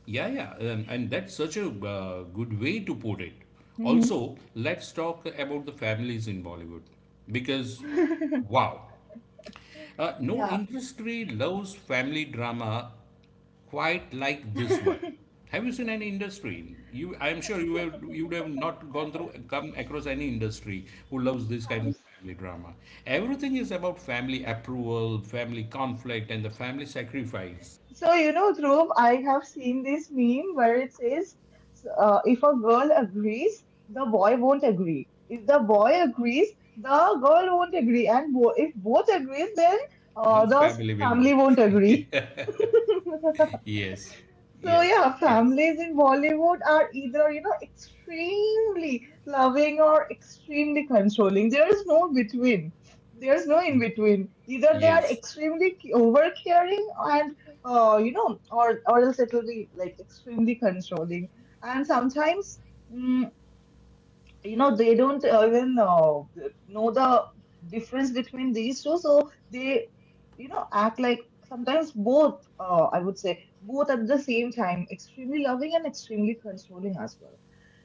S2: Yeah, yeah, and that's such a good way to put it.
S1: Hmm.
S2: Also, let's talk about the families in Bollywood because,
S1: [laughs]
S2: wow, no
S1: Yeah.
S2: industry loves family drama quite like this one. Have you seen any industry? You, I am sure you have, you would have not gone through, come across any industry who loves this kind of
S1: Comes.
S2: family drama. Everything is about family approval, family conflict, and the family sacrifice.
S1: So, you know, Dhruv, I have seen this meme where it says, if a girl agrees, the boy won't agree. If the boy agrees, the girl won't agree. And if both agrees, then
S2: Then family will
S1: family
S2: not.
S1: won't
S2: [laughs]
S1: agree.
S2: Yes,
S1: So
S2: yes,
S1: yeah,
S2: yes,
S1: families in Bollywood are either, you know, extremely loving or extremely controlling. There is no between. There's no in between. Either they are
S2: yes,
S1: extremely over caring and, you know, or else it'll be like extremely controlling. And sometimes, mm, you know, they don't even know the difference between these two, so they, you know, act like sometimes both, I would say both at the same time, extremely loving and extremely controlling as well.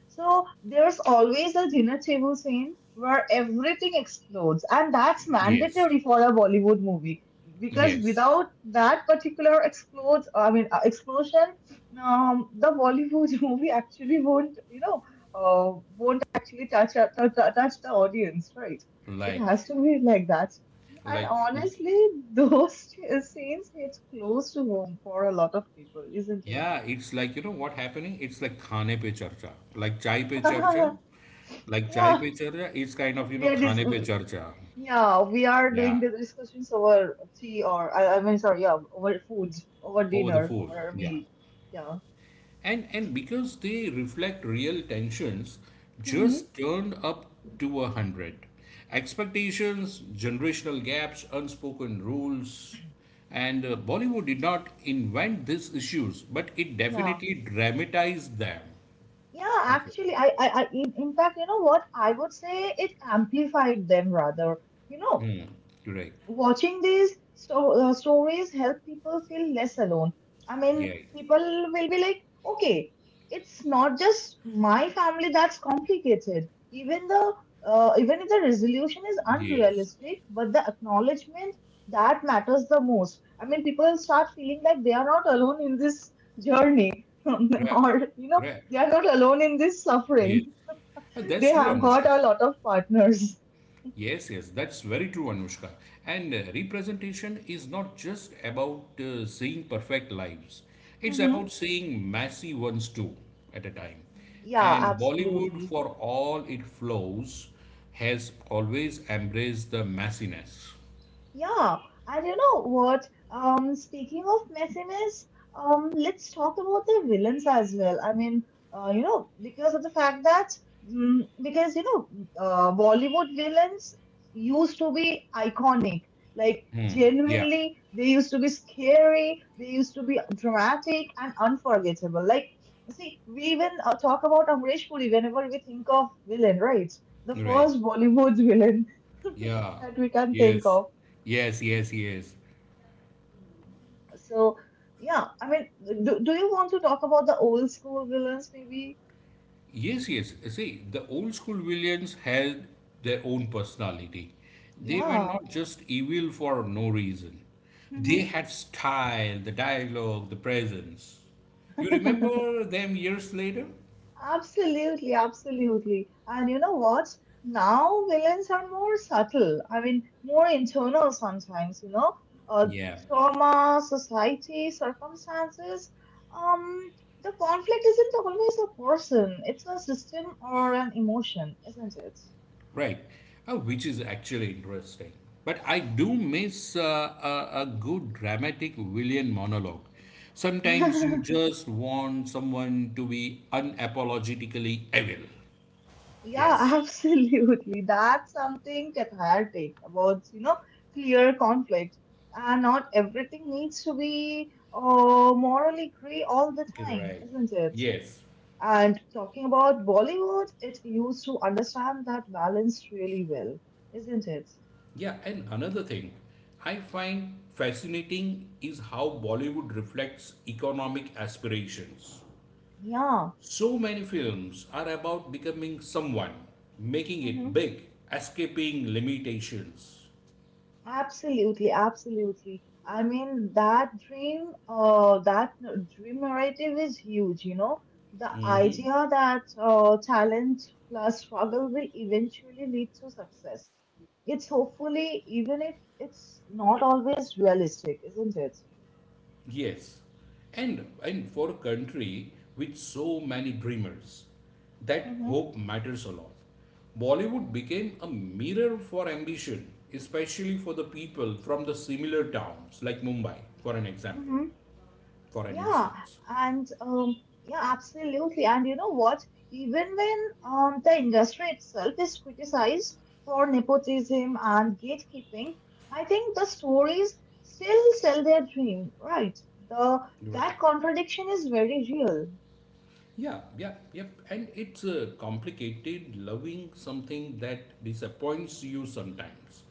S1: So there's always a dinner table scene where everything explodes, and that's
S2: yes,
S1: mandatory for a Bollywood movie, because
S2: yes.
S1: without that particular explodes, I mean explosion, the Bollywood [laughs] movie actually won't, you know, won't actually touch touch the audience, right? It
S2: Like,
S1: has to be like that. And
S2: like,
S1: honestly, those [laughs] scenes hit close to home for a lot of people, isn't it?
S2: yeah, it's like, you know what happening? It's like khane pe charcha, like chai pe charcha,
S1: [laughs]
S2: like chai
S1: Yeah,
S2: pe charcha. It's kind of, you
S1: we
S2: know,
S1: are this.
S2: khane pe charcha.
S1: Yeah, we are doing
S2: Yeah,
S1: the discussions over tea or I mean sorry, yeah, over food, over
S2: over the
S1: dinner,
S2: food.
S1: over a
S2: Yeah.
S1: meal. Yeah.
S2: And because they reflect real tensions,
S1: Mm-hmm.
S2: just turned up to a hundred. Expectations, generational gaps, unspoken rules, and Bollywood did not invent these issues, but it
S1: Yeah.
S2: definitely dramatized them.
S1: Yeah, actually I in fact, you know what? I would say it amplified them rather. You know,
S2: Mm, right.
S1: watching these stories help people feel less alone. I
S2: Yeah.
S1: mean, people will be like, okay, it's not just my family that's complicated. Even the, even if the resolution is
S2: Yes.
S1: unrealistic, but the acknowledgement that matters the most. I mean, people start feeling like they are not alone in this journey, [laughs]
S2: Right.
S1: or you know,
S2: Right.
S1: they are not alone in this
S2: Yes.
S1: suffering. [laughs] They
S2: That's true,
S1: have got
S2: Anushka.
S1: a lot of partners.
S2: Yes, yes, that's very true, Anushka. And representation is not just about seeing perfect lives, it's
S1: Hmm.
S2: about seeing messy ones too at a time.
S1: Yeah,
S2: And Bollywood,
S1: absolutely.
S2: for all it flows, has always embraced the messiness.
S1: Yeah, and you know what? Speaking of messiness, let's talk about the villains as well. I mean, you know, because of the fact that, because you know, Bollywood villains used to be iconic. Like
S2: Yeah,
S1: genuinely, they used to be scary. They used to be dramatic and unforgettable. Like, see, we even talk about Amrish Puri whenever we think of villain, right? The
S2: right.
S1: first Bollywood villain [laughs]
S2: Yeah,
S1: that we can think
S2: yes,
S1: of.
S2: yes, yes, yes.
S1: So, yeah, I mean, do you want to talk about the old school villains, maybe?
S2: Yes, yes. See, the old school villains had their own personality. They were
S1: Yeah.
S2: not just evil for no reason. They
S1: Hmm.
S2: had style, the dialogue, the presence. You
S1: [laughs]
S2: remember them years later?
S1: Absolutely, absolutely. And you know what? Now villains are more subtle. I mean, more internal sometimes, you know, uh,
S2: Yeah,
S1: trauma, society, circumstances. Um, the conflict isn't always a person, it's a system or an emotion, isn't it?
S2: right. Which is actually interesting. But I do miss a good dramatic villain monologue. Sometimes you
S1: Mhm. [laughs]
S2: just want someone to be unapologetically evil.
S1: Yeah,
S2: Yes.
S1: [laughs] absolutely. That's something cathartic about, you know, clear conflict. And not everything needs to be morally gray all the time,
S2: Right.
S1: isn't it?
S2: Yes.
S1: And talking about Bollywood, it used to understand that balance really well, isn't it?
S2: Yeah, and another thing I find fascinating is how Bollywood reflects economic aspirations.
S1: Yeah.
S2: So many films are about becoming someone, making it
S1: Mm-hmm.
S2: big, escaping limitations.
S1: Absolutely, absolutely. I mean, that dream narrative is huge, you know. The idea that talent plus struggle will eventually lead to success. It's hopefully, even if it's not always realistic, isn't it?
S2: Yes, and for a country with so many dreamers, that
S1: Mm-hmm.
S2: hope matters a lot. Bollywood became a mirror for ambition, especially for the people from the similar towns like Mumbai, for an example, for an
S1: Yeah,
S2: instance.
S1: and yeah, absolutely. And you know what? Even when the industry itself is criticized for nepotism and gatekeeping, I think the stories still sell their dream, right? The
S2: Right.
S1: That contradiction is very real.
S2: Yeah, yeah, yep. And it's complicated loving something that disappoints you sometimes.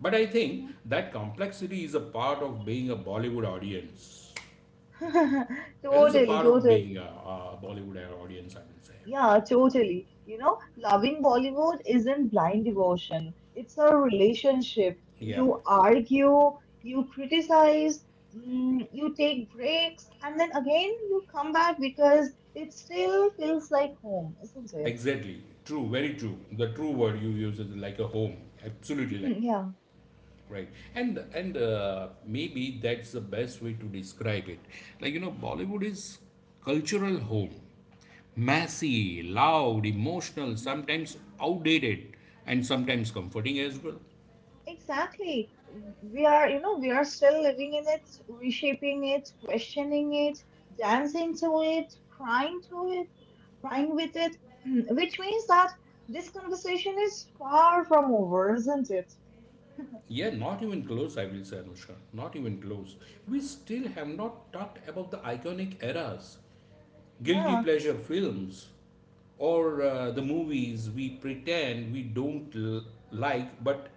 S2: But I think that complexity is a part of being a Bollywood audience.
S1: Mhm. [laughs]
S2: It is a
S1: Totally,
S2: part of
S1: totally.
S2: being a Bollywood audience, I would say.
S1: Yeah, totally. You know, loving Bollywood isn't blind devotion. It's a relationship.
S2: Yeah.
S1: You argue, you criticize, you take breaks, and then again you come back because it still feels like home, isn't it?
S2: Exactly. True. Very true. The true word you use is like a home. Absolutely like
S1: Mhm. Yeah.
S2: right. And maybe that's the best way to describe it. Like you know, Bollywood is cultural home. Messy, loud, emotional, sometimes outdated, and sometimes comforting as well.
S1: Exactly. We are, you know, we are still living in it, reshaping it, questioning it, dancing to it, crying with it, [clears throat] which means that this conversation is far from over, isn't it?
S2: Yeah, not even close, I will say, Anushka. Not even close. We still have not talked about the iconic eras guilty
S1: Yeah,
S2: pleasure films or the movies we pretend we don't like but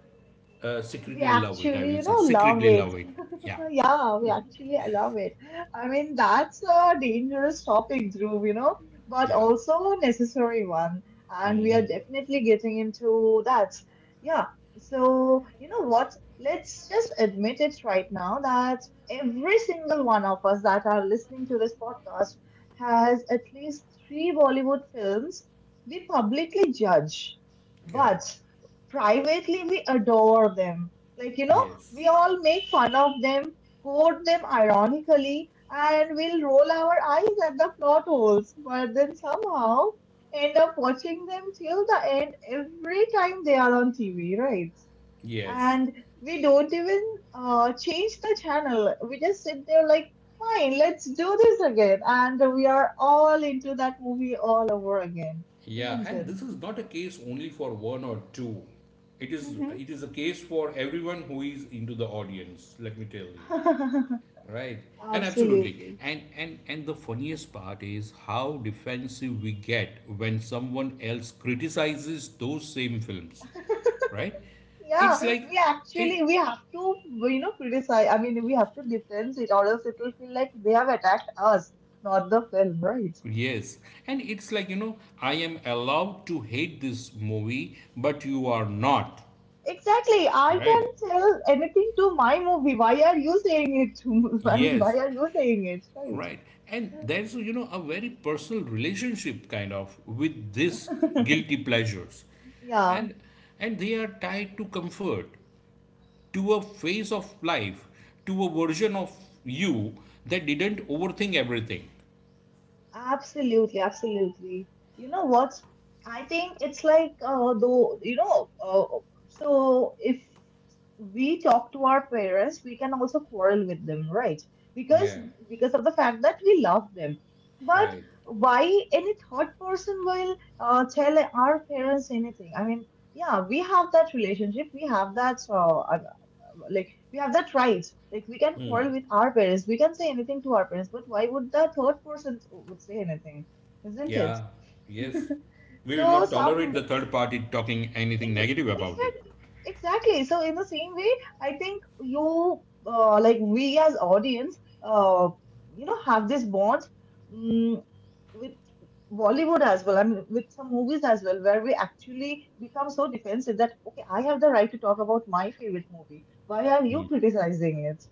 S1: we
S2: secretly love it. I
S1: actually,
S2: will
S1: you
S2: say
S1: know, love
S2: secretly
S1: it.
S2: love it. Yeah,
S1: [laughs] Yeah, we actually I love it. I mean, that's a dangerous topic, Dhruv, you know, but
S2: yeah,
S1: also a necessary one. And we are definitely getting into that. Yeah. So, you know what? Let's just admit it right now that every single one of us that are listening to this podcast has at least three Bollywood films we publicly judge,
S2: correct.
S1: but privately we adore them. Like, you know, we
S2: Yes,
S1: all make fun of them, quote them ironically, and we'll roll our eyes at the plot holes, but then somehow end up watching them till the end every time they are on TV, right?
S2: yes,
S1: And we don't even change the channel. We just sit there like, fine, let's do this again. And we are all into that movie all over again,
S2: yeah.
S1: isn't
S2: And
S1: it?
S2: this is not a case only for one or two. It is
S1: Mhm.
S2: it is a case for everyone who is into the audience. Let me tell you. Right.
S1: [laughs]
S2: And absolutely.
S1: Absolutely.
S2: And the funniest part is how defensive we get when someone else criticizes those same films. Right? It's
S1: Yeah,
S2: like I,
S1: we have to, you know, criticize. I mean, we have to defend it, or else it will feel like they have attacked us, not the film, right?
S2: yes. And it's like, you know, I am allowed to hate this movie, but you are not.
S1: Exactly. I
S2: Right.
S1: can tell anything to my movie. Why are you saying it to? [laughs] I mean, why
S2: Yes,
S1: are you saying it,
S2: right. And there's, you know, a very personal relationship kind of with this
S1: right?
S2: guilty pleasures.
S1: [laughs] Yeah.
S2: And and they are tied to comfort, to a phase of life, to a version of you that didn't overthink everything.
S1: Absolutely, absolutely. You know what? I think it's like though you know. So if we talk to our parents, we can also quarrel with them, right? Because
S2: Yeah,
S1: because of the fact that we love them. But
S2: right.
S1: why any third person will tell our parents anything? I mean, yeah, we have that relationship, we have that. Like we have that right, like we can quarrel with our parents, we can say anything to our parents, but why would the third person would say anything, isn't it?
S2: Yeah,
S1: [laughs]
S2: yes. We will
S1: So
S2: not tolerate the
S1: some
S2: third party talking anything
S1: ex-
S2: negative about it.
S1: exact- exactly, so in the same way, I think you like we as audience, you know, have this bond mm with Bollywood as well, I mean, with some movies as well, where we actually become so defensive that, okay, I have the right to talk about my favorite movie. Why are you
S2: Mm.
S1: criticizing it?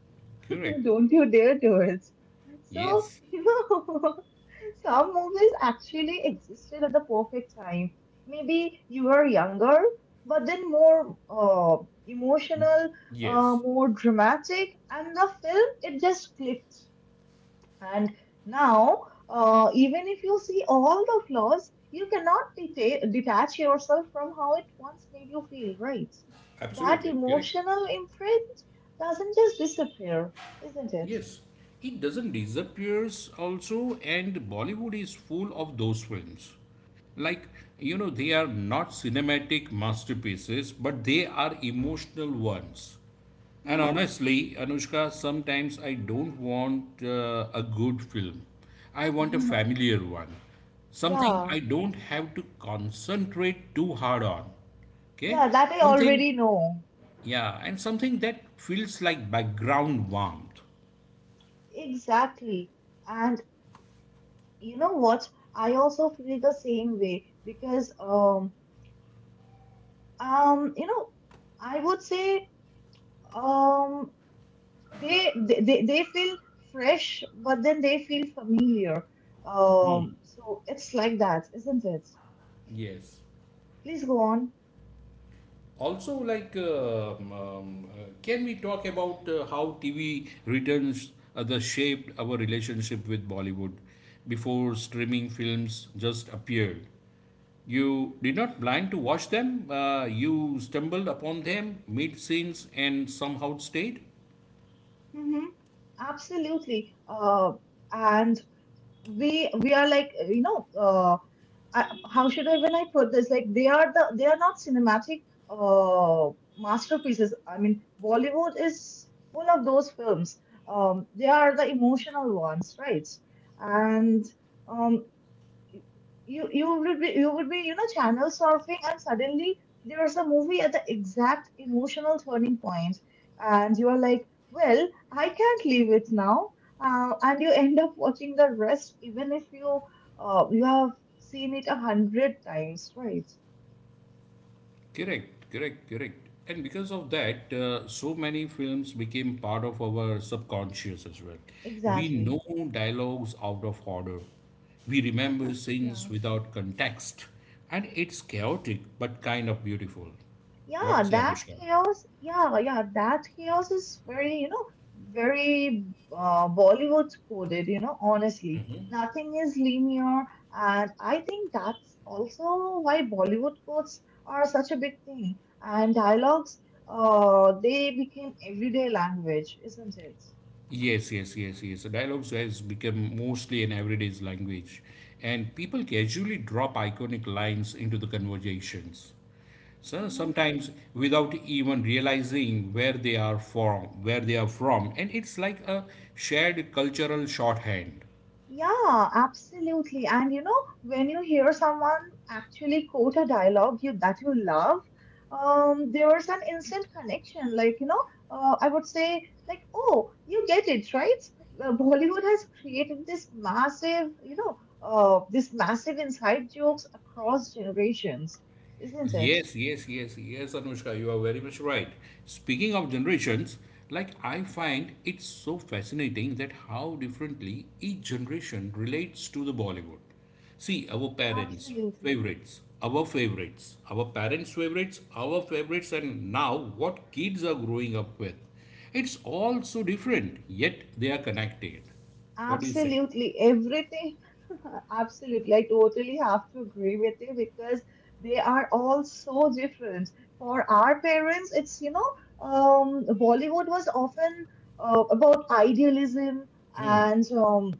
S2: Correct.
S1: [laughs] Don't you dare do it. So,
S2: Yes.
S1: [laughs] you know, [laughs] some movies actually existed at the perfect time. Maybe you were younger, but then more emotional,
S2: Yes,
S1: more dramatic, and the film, it just clicked. And now, even if you see all the flaws, you cannot detach yourself from how it once made you feel, right? That
S2: absolutely correct.
S1: emotional imprint doesn't just disappear, isn't it?
S2: Yes. It doesn't disappears also and Bollywood is full of those films. Like, you know, they are not cinematic masterpieces, but they are emotional ones. And
S1: Hmm.
S2: honestly, Anushka, sometimes I don't want a good film. I want a
S1: [laughs]
S2: familiar one. Something
S1: Yeah,
S2: I don't have to concentrate too hard on. Okay?
S1: yeah, that I
S2: Something,
S1: already know.
S2: yeah, and something that feels like background warmth.
S1: Exactly. And you know what? I also feel the same way because um you know I would say um they feel fresh but then they feel familiar. So it's like that, isn't it?
S2: Yes.
S1: Please go on.
S2: Also, like, can we talk about how TV returns the shaped our relationship with Bollywood before streaming films just appeared? You did not blind to watch them. You stumbled upon them mid scenes and somehow stayed.
S1: Mm-hmm. Absolutely. And we are like I, how should I when I put this? Like they are the they are not cinematic uh masterpieces. I mean, Bollywood is full of those films. They are the emotional ones, right? And um, you would be you know channel surfing and suddenly there's a movie at the exact emotional turning point, and you are like, well, I can't leave it now. And you end up watching the rest even if you you have seen it a hundred times, right?
S2: Correct, correct, correct. And because of that, so many films became part of our subconscious as well. We
S1: Exactly.
S2: know dialogues out of order. We remember
S1: [laughs]
S2: scenes
S1: Yeah.
S2: without context. And it's chaotic but kind of beautiful.
S1: Yeah,
S2: What say,
S1: that
S2: Anushka?
S1: chaos, yeah, yeah, that chaos is very, you know, very Bollywood coded, you know, honestly. Nothing is linear, and I think that's also why Bollywood codes are such a big thing. And dialogues, they became everyday language, isn't it?
S2: Yes, yes, yes, yes. Dialogues has become mostly an everyday language, and people casually drop iconic lines into the conversations. So
S1: Mm-hmm.
S2: sometimes without even realizing where they are from, where they are from, and it's like a shared cultural shorthand.
S1: Yeah, absolutely. And you know, when you hear someone actually quote a dialogue you that you love, there's an instant connection. Like, you know, I would say, like, oh, you get it, right? Bollywood has created this massive, you know, this massive inside jokes across generations, isn't it?
S2: Yes, yes, yes, yes, Anushka, you are very much right. Speaking of generations, like I find it's so fascinating that how differently each generation relates to the Bollywood. See, our parents'
S1: Absolutely.
S2: favorites, our parents' favorites, our favorites, and now what kids are growing up with. It's all so different, yet they are connected. What do you say?
S1: Absolutely, everything. [laughs] Absolutely, I totally have to agree with you because they are all so different. For our parents, it's, you know, Bollywood was often about idealism and um,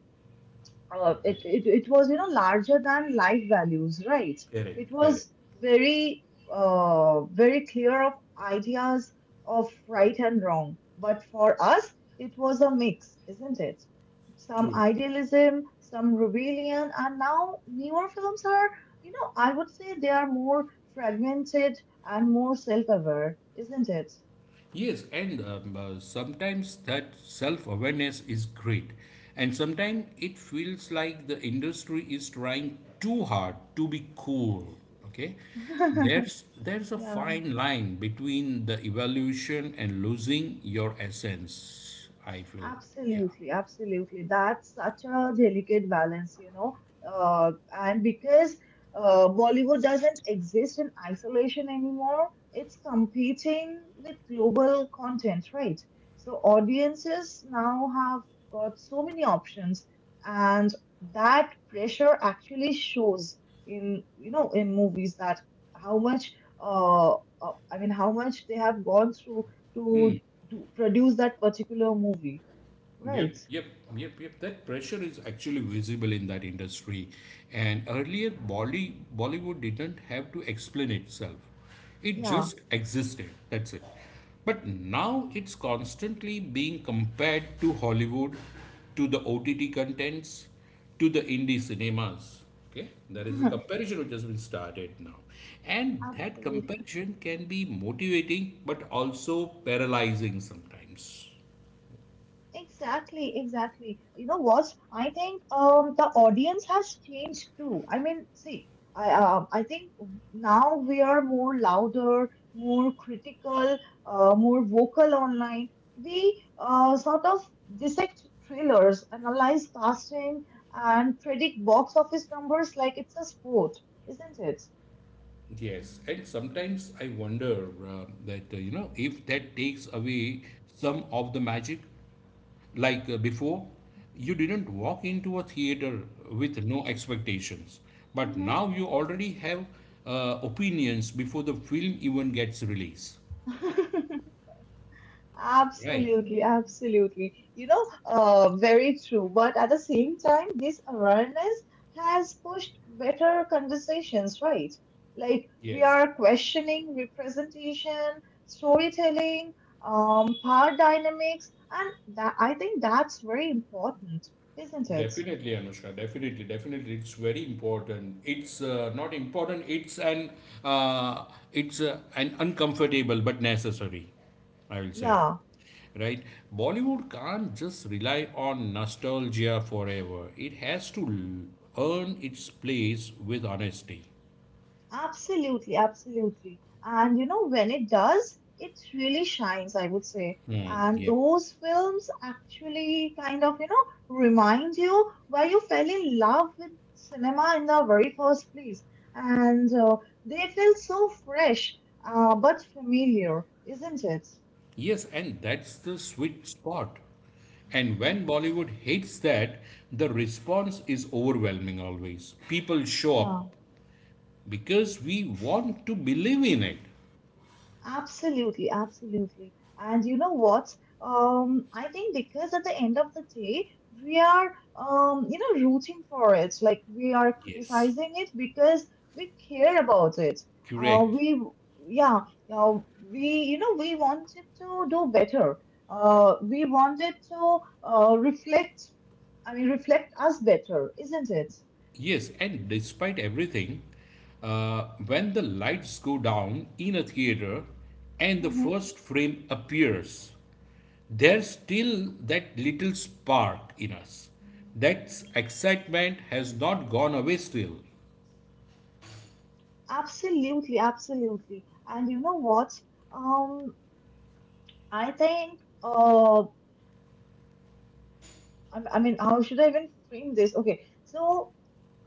S1: uh, it was, you know, larger than life values, right?
S2: Correct,
S1: It
S2: correct.
S1: was very very clear of ideas of right and wrong. But for us, it was a mix, isn't it? Some
S2: True.
S1: idealism, some rebellion. And now newer films are, you know, I would say they are more fragmented and more self-aware, isn't it?
S2: Yes, and sometimes that self awareness is great, and sometimes it feels like the industry is trying too hard to be cool. Okay,
S1: [laughs]
S2: there's a
S1: Yeah.
S2: fine line between the evolution and losing your essence. I feel, yeah.
S1: Absolutely, absolutely. That's such a delicate balance, you know. And because Bollywood doesn't exist in isolation anymore, it's competing with global content, right? So audiences now have got so many options, and that pressure actually shows in, you know, in movies that how much, I mean, how much they have gone through
S2: Hmm.
S1: to, to produce that particular movie.
S2: Yep,
S1: Right.
S2: yep, yep, yep. That pressure is actually visible in that industry. And earlier, Bollywood didn't have to explain itself, it
S1: Yeah.
S2: just existed. That's it. But now it's constantly being compared to Hollywood, to the OTT contents, to the indie cinemas. Okay, there is a
S1: [laughs]
S2: comparison which has been started now, and that
S1: Absolutely.
S2: comparison can be motivating but also paralyzing sometimes.
S1: Exactly. Exactly. You know what? I think the audience has changed too. I mean, see, I think now we are more louder, more critical, more vocal online. We sort of dissect trailers, analyze casting, and predict box office numbers like it's a sport, isn't it?
S2: Yes, and sometimes I wonder that you know if that takes away some of the magic. Like before, you didn't walk into a theater with no expectations, but now you already have opinions before the film even gets released.
S1: Mm-hmm. [laughs]
S2: Right.
S1: Absolutely, absolutely. You know, very true. But at the same time, this awareness has pushed better conversations, right? Like we
S2: Yes.
S1: are questioning representation, storytelling, power dynamics, and that, I think that's very important, isn't it?
S2: Definitely, Anushka. Definitely, definitely, it's very important. It's not important. Uh, it's an uncomfortable but necessary, I will say,
S1: Yeah.
S2: right? Bollywood can't just rely on nostalgia forever. It has to earn its place with honesty.
S1: Absolutely, absolutely. And you know, when it does, it really shines, I would say.
S2: Hmm.
S1: And
S2: Yep.
S1: those films actually kind of, you know, remind you why you fell in love with cinema in the very first place. And they feel so fresh, but familiar, isn't it?
S2: Yes, and that's the sweet spot. And
S1: Hmm.
S2: when Bollywood hits that, the response is overwhelming always. People show
S1: Yeah.
S2: up because we want to believe in it.
S1: Absolutely, absolutely. And you know what? I think because at the end of the day, we are, you know, rooting for it. Like we are
S2: Yes.
S1: criticizing it because we care about it.
S2: Correct.
S1: We, yeah, uh, we, you know, we wanted to do better. We wanted to reflect. I mean, reflect us better, isn't it?
S2: Yes, and despite everything, when the lights go down in a theater and the
S1: Hmm.
S2: first frame appears, there's still that little spark in us. That excitement has not gone away still.
S1: Absolutely, absolutely. And you know what? Um, I think, I mean, how should I even frame this? Okay, so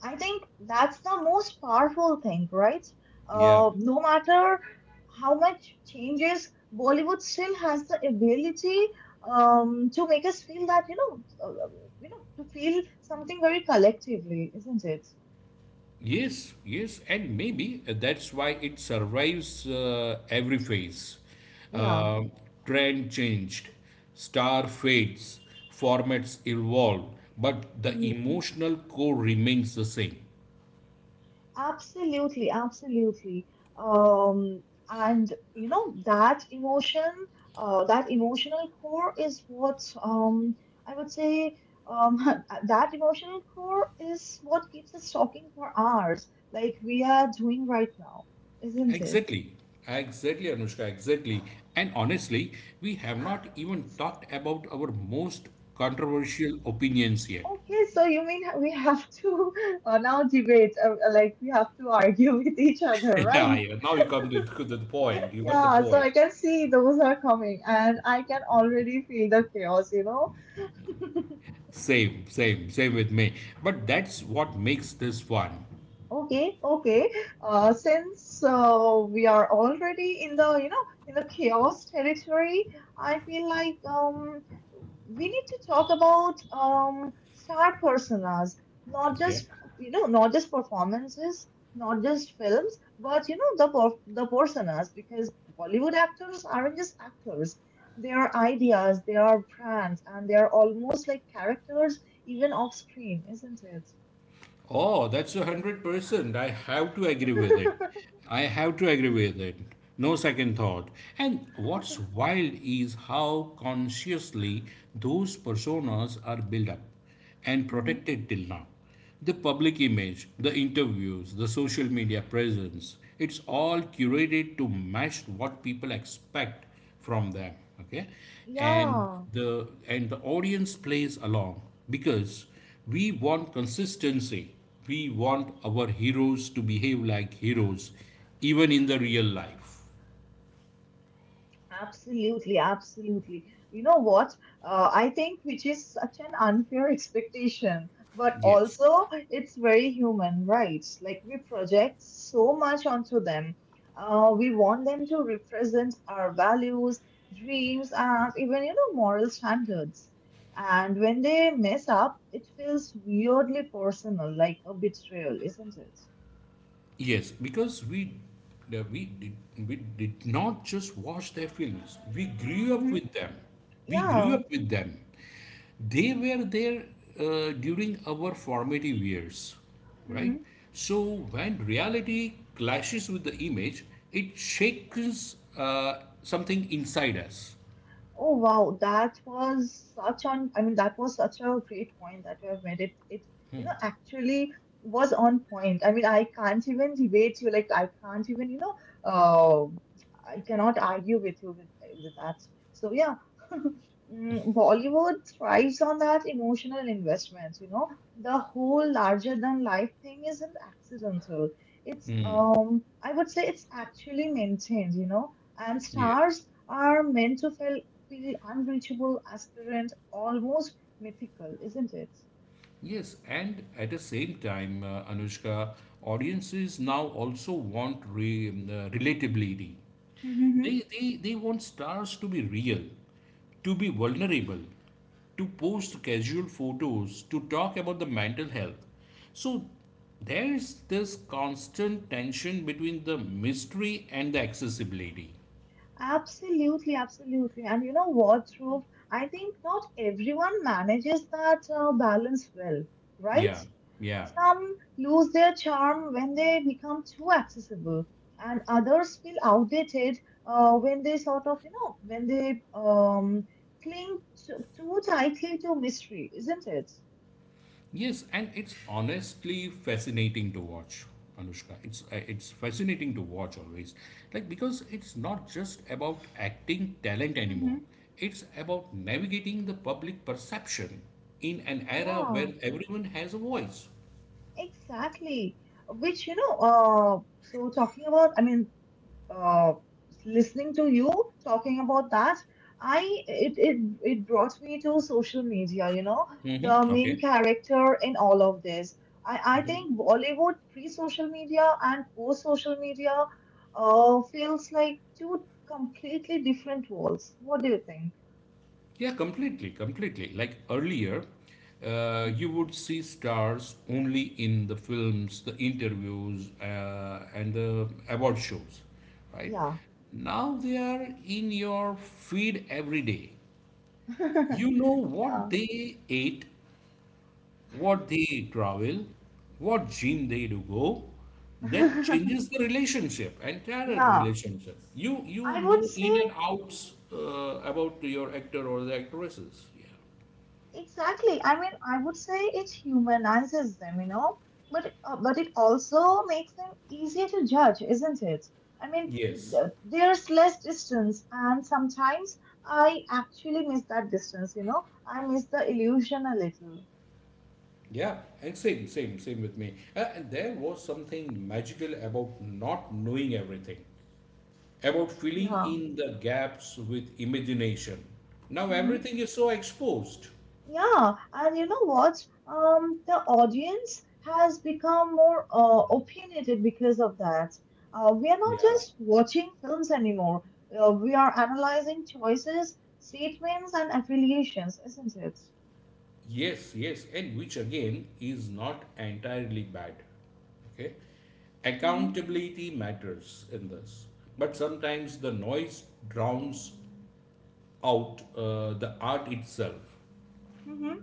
S1: I think that's the most powerful thing, right?
S2: Yeah.
S1: No matter how much changes, Bollywood still has the ability to make us feel that, you know, to feel something very collectively, isn't it?
S2: Yes, yes, and maybe that's why it survives every phase.
S1: Yeah.
S2: Uh, trend changed, star fades, formats evolve, but the emotional core remains the same.
S1: Absolutely, absolutely. Um, and you know that emotion, that emotional core is what I would say um, [laughs] that emotional core is what keeps us talking for hours, like we are doing right now, isn't it?
S2: Exactly, exactly, Anushka, exactly. And honestly, we have not even talked about our most controversial opinions yet.
S1: Okay, so you mean we have to [laughs] now debate, like we have to argue [laughs] with each
S2: [laughs]
S1: other,
S2: Yeah,
S1: right?
S2: yeah, now you come to the point. You got the
S1: Yeah, so
S2: point.
S1: I can see those are coming, and I can already feel the chaos, you know.
S2: Same, same, same with me. But that's what makes this fun.
S1: Okay, okay. Since we are already in the, you know, in the chaos territory, I feel like we need to talk about star personas, not
S2: Okay.
S1: just, you know, not just performances, not just films, but you know, the per the personas, because Bollywood actors aren't just actors. They are ideas, they are brands, and they are almost like characters, even off screen, isn't
S2: Oh, that's 100%. I have to agree with it.
S1: it?
S2: I have to agree with it. No second thought. And what's wild is how consciously those personas are built up and
S1: [laughs]
S2: protected till now. The public image, the interviews, the social media presence, it's all curated to match what people expect from them. Okay. and
S1: Yeah,
S2: the and the audience plays along because we want consistency. We want our heroes to behave like heroes even in the real life.
S1: absolutely, absolutely. You know what? I think which is such an unfair [laughs] expectation, but
S2: Yes.
S1: also it's very human, right? Like we project so much onto them. We want them to represent our values, dreams, and even, you know, moral standards. And when they mess up, it feels weirdly personal, like a betrayal, isn't it?
S2: Yes, because uh, we did we did not just watch their films. We grew up
S1: Mm-hmm.
S2: with them. We grew
S1: Yeah.
S2: up with them. They were there during our formative years, right?
S1: Mm-hmm.
S2: So when reality clashes with the image, it shakes something inside us.
S1: Oh wow, that was such on. I mean, that was such a great point that you have made. It, you know, actually was on point. I mean, I can't even debate you. Like, I can't even, you know, uh, I cannot argue with you with that. So yeah, [laughs] Mm, Bollywood thrives on that emotional investment. You know, the whole larger than life thing isn't accidental. It's I would say it's actually maintained. You know, and
S2: Yeah.
S1: stars are meant to feel feel unreachable, aspirant, almost mythical, isn't it?
S2: Yes, and at the same time, Anushka, audiences now also want relatability.
S1: Mhm.
S2: They want stars to be real, to be vulnerable, to post casual photos, to talk about the mental health. So there's this constant tension between the mystery and the accessibility.
S1: Absolutely, absolutely. And you know what, Dhruv? I think not everyone manages that balance well, right?
S2: Yeah, yeah.
S1: Some lose their charm when they become too accessible, and others feel outdated when they sort of, you know, when they cling to, too tightly to mystery, isn't it?
S2: Yes, and it's honestly fascinating to watch, Anushka. It's fascinating to watch always. Like because it's not just about acting talent anymore.
S1: Mhm.
S2: It's about navigating the public perception in an era
S1: Yeah.
S2: where everyone has a voice.
S1: Exactly. Which, you know, so talking about, I mean, uh, listening to you talking about that, I it brought me to social media, you know, the
S2: Mm-hmm.
S1: main
S2: Okay.
S1: character in all of this. I think Bollywood pre-social media and post-social media, feels like two completely different worlds. What do you think?
S2: Yeah, completely, completely. Like earlier,
S1: Hmm.
S2: you would see stars only in the films, the interviews, and the award shows, right?
S1: Yeah.
S2: Now they are in your feed every day.
S1: [laughs]
S2: You know what
S1: Yeah.
S2: they ate, what they travel, what gym they do go. That
S1: [laughs]
S2: changes the relationship, entire
S1: Yeah,
S2: relationship. You
S1: I
S2: know
S1: would
S2: in
S1: say.
S2: and outs about your actor or the actresses. Yeah.
S1: Exactly. I mean, I would say it humanizes them, you know, but it also makes them easier to judge, isn't it? I mean,
S2: Yes.
S1: th- there's less distance, and sometimes I actually miss that distance, you know. I miss the illusion a little.
S2: Yeah, and same, same, same with me. And there was something magical about not knowing everything, about filling
S1: Yeah.
S2: in the gaps with imagination. Now
S1: Mm-hmm.
S2: everything is so exposed.
S1: Yeah, and you know what? The audience has become more opinionated because of that. We are not
S2: Yeah.
S1: just watching films anymore. We are analyzing choices, statements, and affiliations, isn't it?
S2: Yes, yes, and which again is not entirely bad. Okay,
S1: Mm-hmm.
S2: accountability matters in this, but sometimes the noise drowns out the art itself.
S1: Mm-hmm.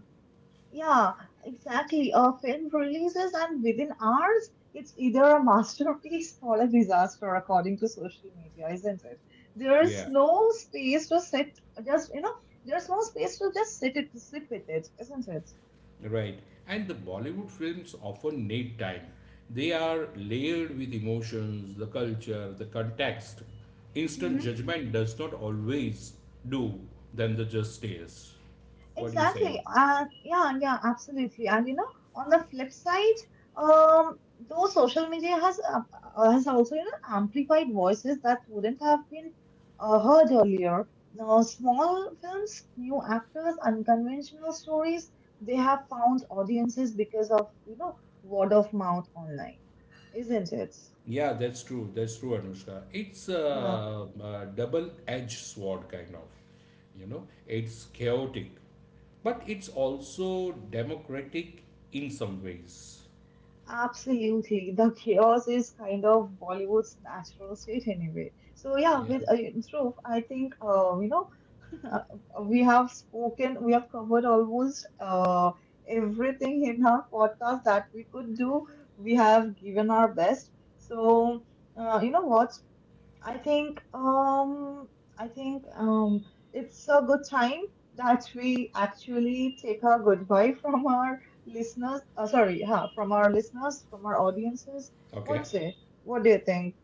S1: Yeah, exactly. A film releases, and within hours, it's either a masterpiece [laughs] or a disaster, according to social media, isn't it? There's
S2: Yeah,
S1: no space to sit, just, you know, there's no space to just sit it, sit with it, isn't it?
S2: right. And the Bollywood films often need time. They are layered with emotions, the culture, the context. Instant judgment does not always do them the justice. What do you say?
S1: Exactly. And yeah, yeah, absolutely. And you know, on the flip side, though social media has also, you know, amplified voices that wouldn't have been heard earlier. Now, small films, new actors, unconventional stories, they have found audiences because of, you know, word of mouth online, isn't it?
S2: Yeah, that's true. That's true, Anushka. It's
S1: Yeah.
S2: a double-edged sword, kind of. You know, it's chaotic, but it's also democratic in some ways.
S1: Absolutely. The chaos is kind of Bollywood's natural state anyway. So yeah,
S2: Yeah.
S1: with Dhruv, I think you know, [laughs] we have spoken, we have covered almost everything in our podcast that we could do. We have given our best. So you know what? I think um I think it's a good time that we actually take a goodbye from our listeners. Sorry, huh, from our listeners, from our audiences.
S2: Okay.
S1: What's it? What do you think?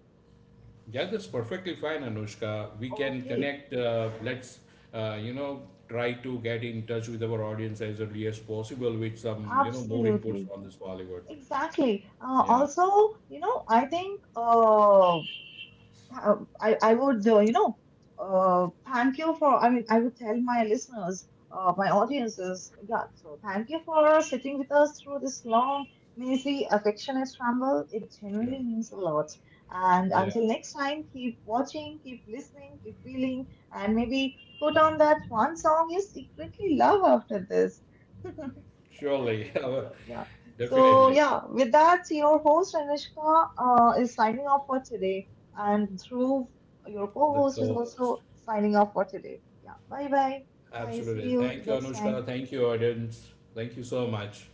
S2: Yeah, that's perfectly fine, Anushka. We can
S1: Okay,
S2: connect. Let's, you know, try to get in touch with our audience as early as possible with some, you know, more inputs
S1: absolutely,
S2: on this Bollywood.
S1: exactly.
S2: Yeah.
S1: Also, you know, I think I would, you know, thank you for, I mean, I would tell my listeners, my audiences, yeah, so thank you for sitting with us through this long, messy, affectionate ramble. It
S2: Sure.
S1: genuinely means a lot. And
S2: Yeah.
S1: until next time, keep watching, keep listening, keep feeling, and maybe put on that one song you secretly love after this.
S2: Surely. [laughs]
S1: So,
S2: Our-
S1: yeah. So,
S2: Definitely.
S1: yeah, with that, your host Anushka is signing off for today, and Dhruv, your co
S2: The
S1: host, is
S2: co-host.
S1: also signing off for today. Yeah, bye bye, guys. See
S2: Absolutely.
S1: you
S2: Thank you,
S1: next time.
S2: Anushka. Thank you, audience. Thank you so much.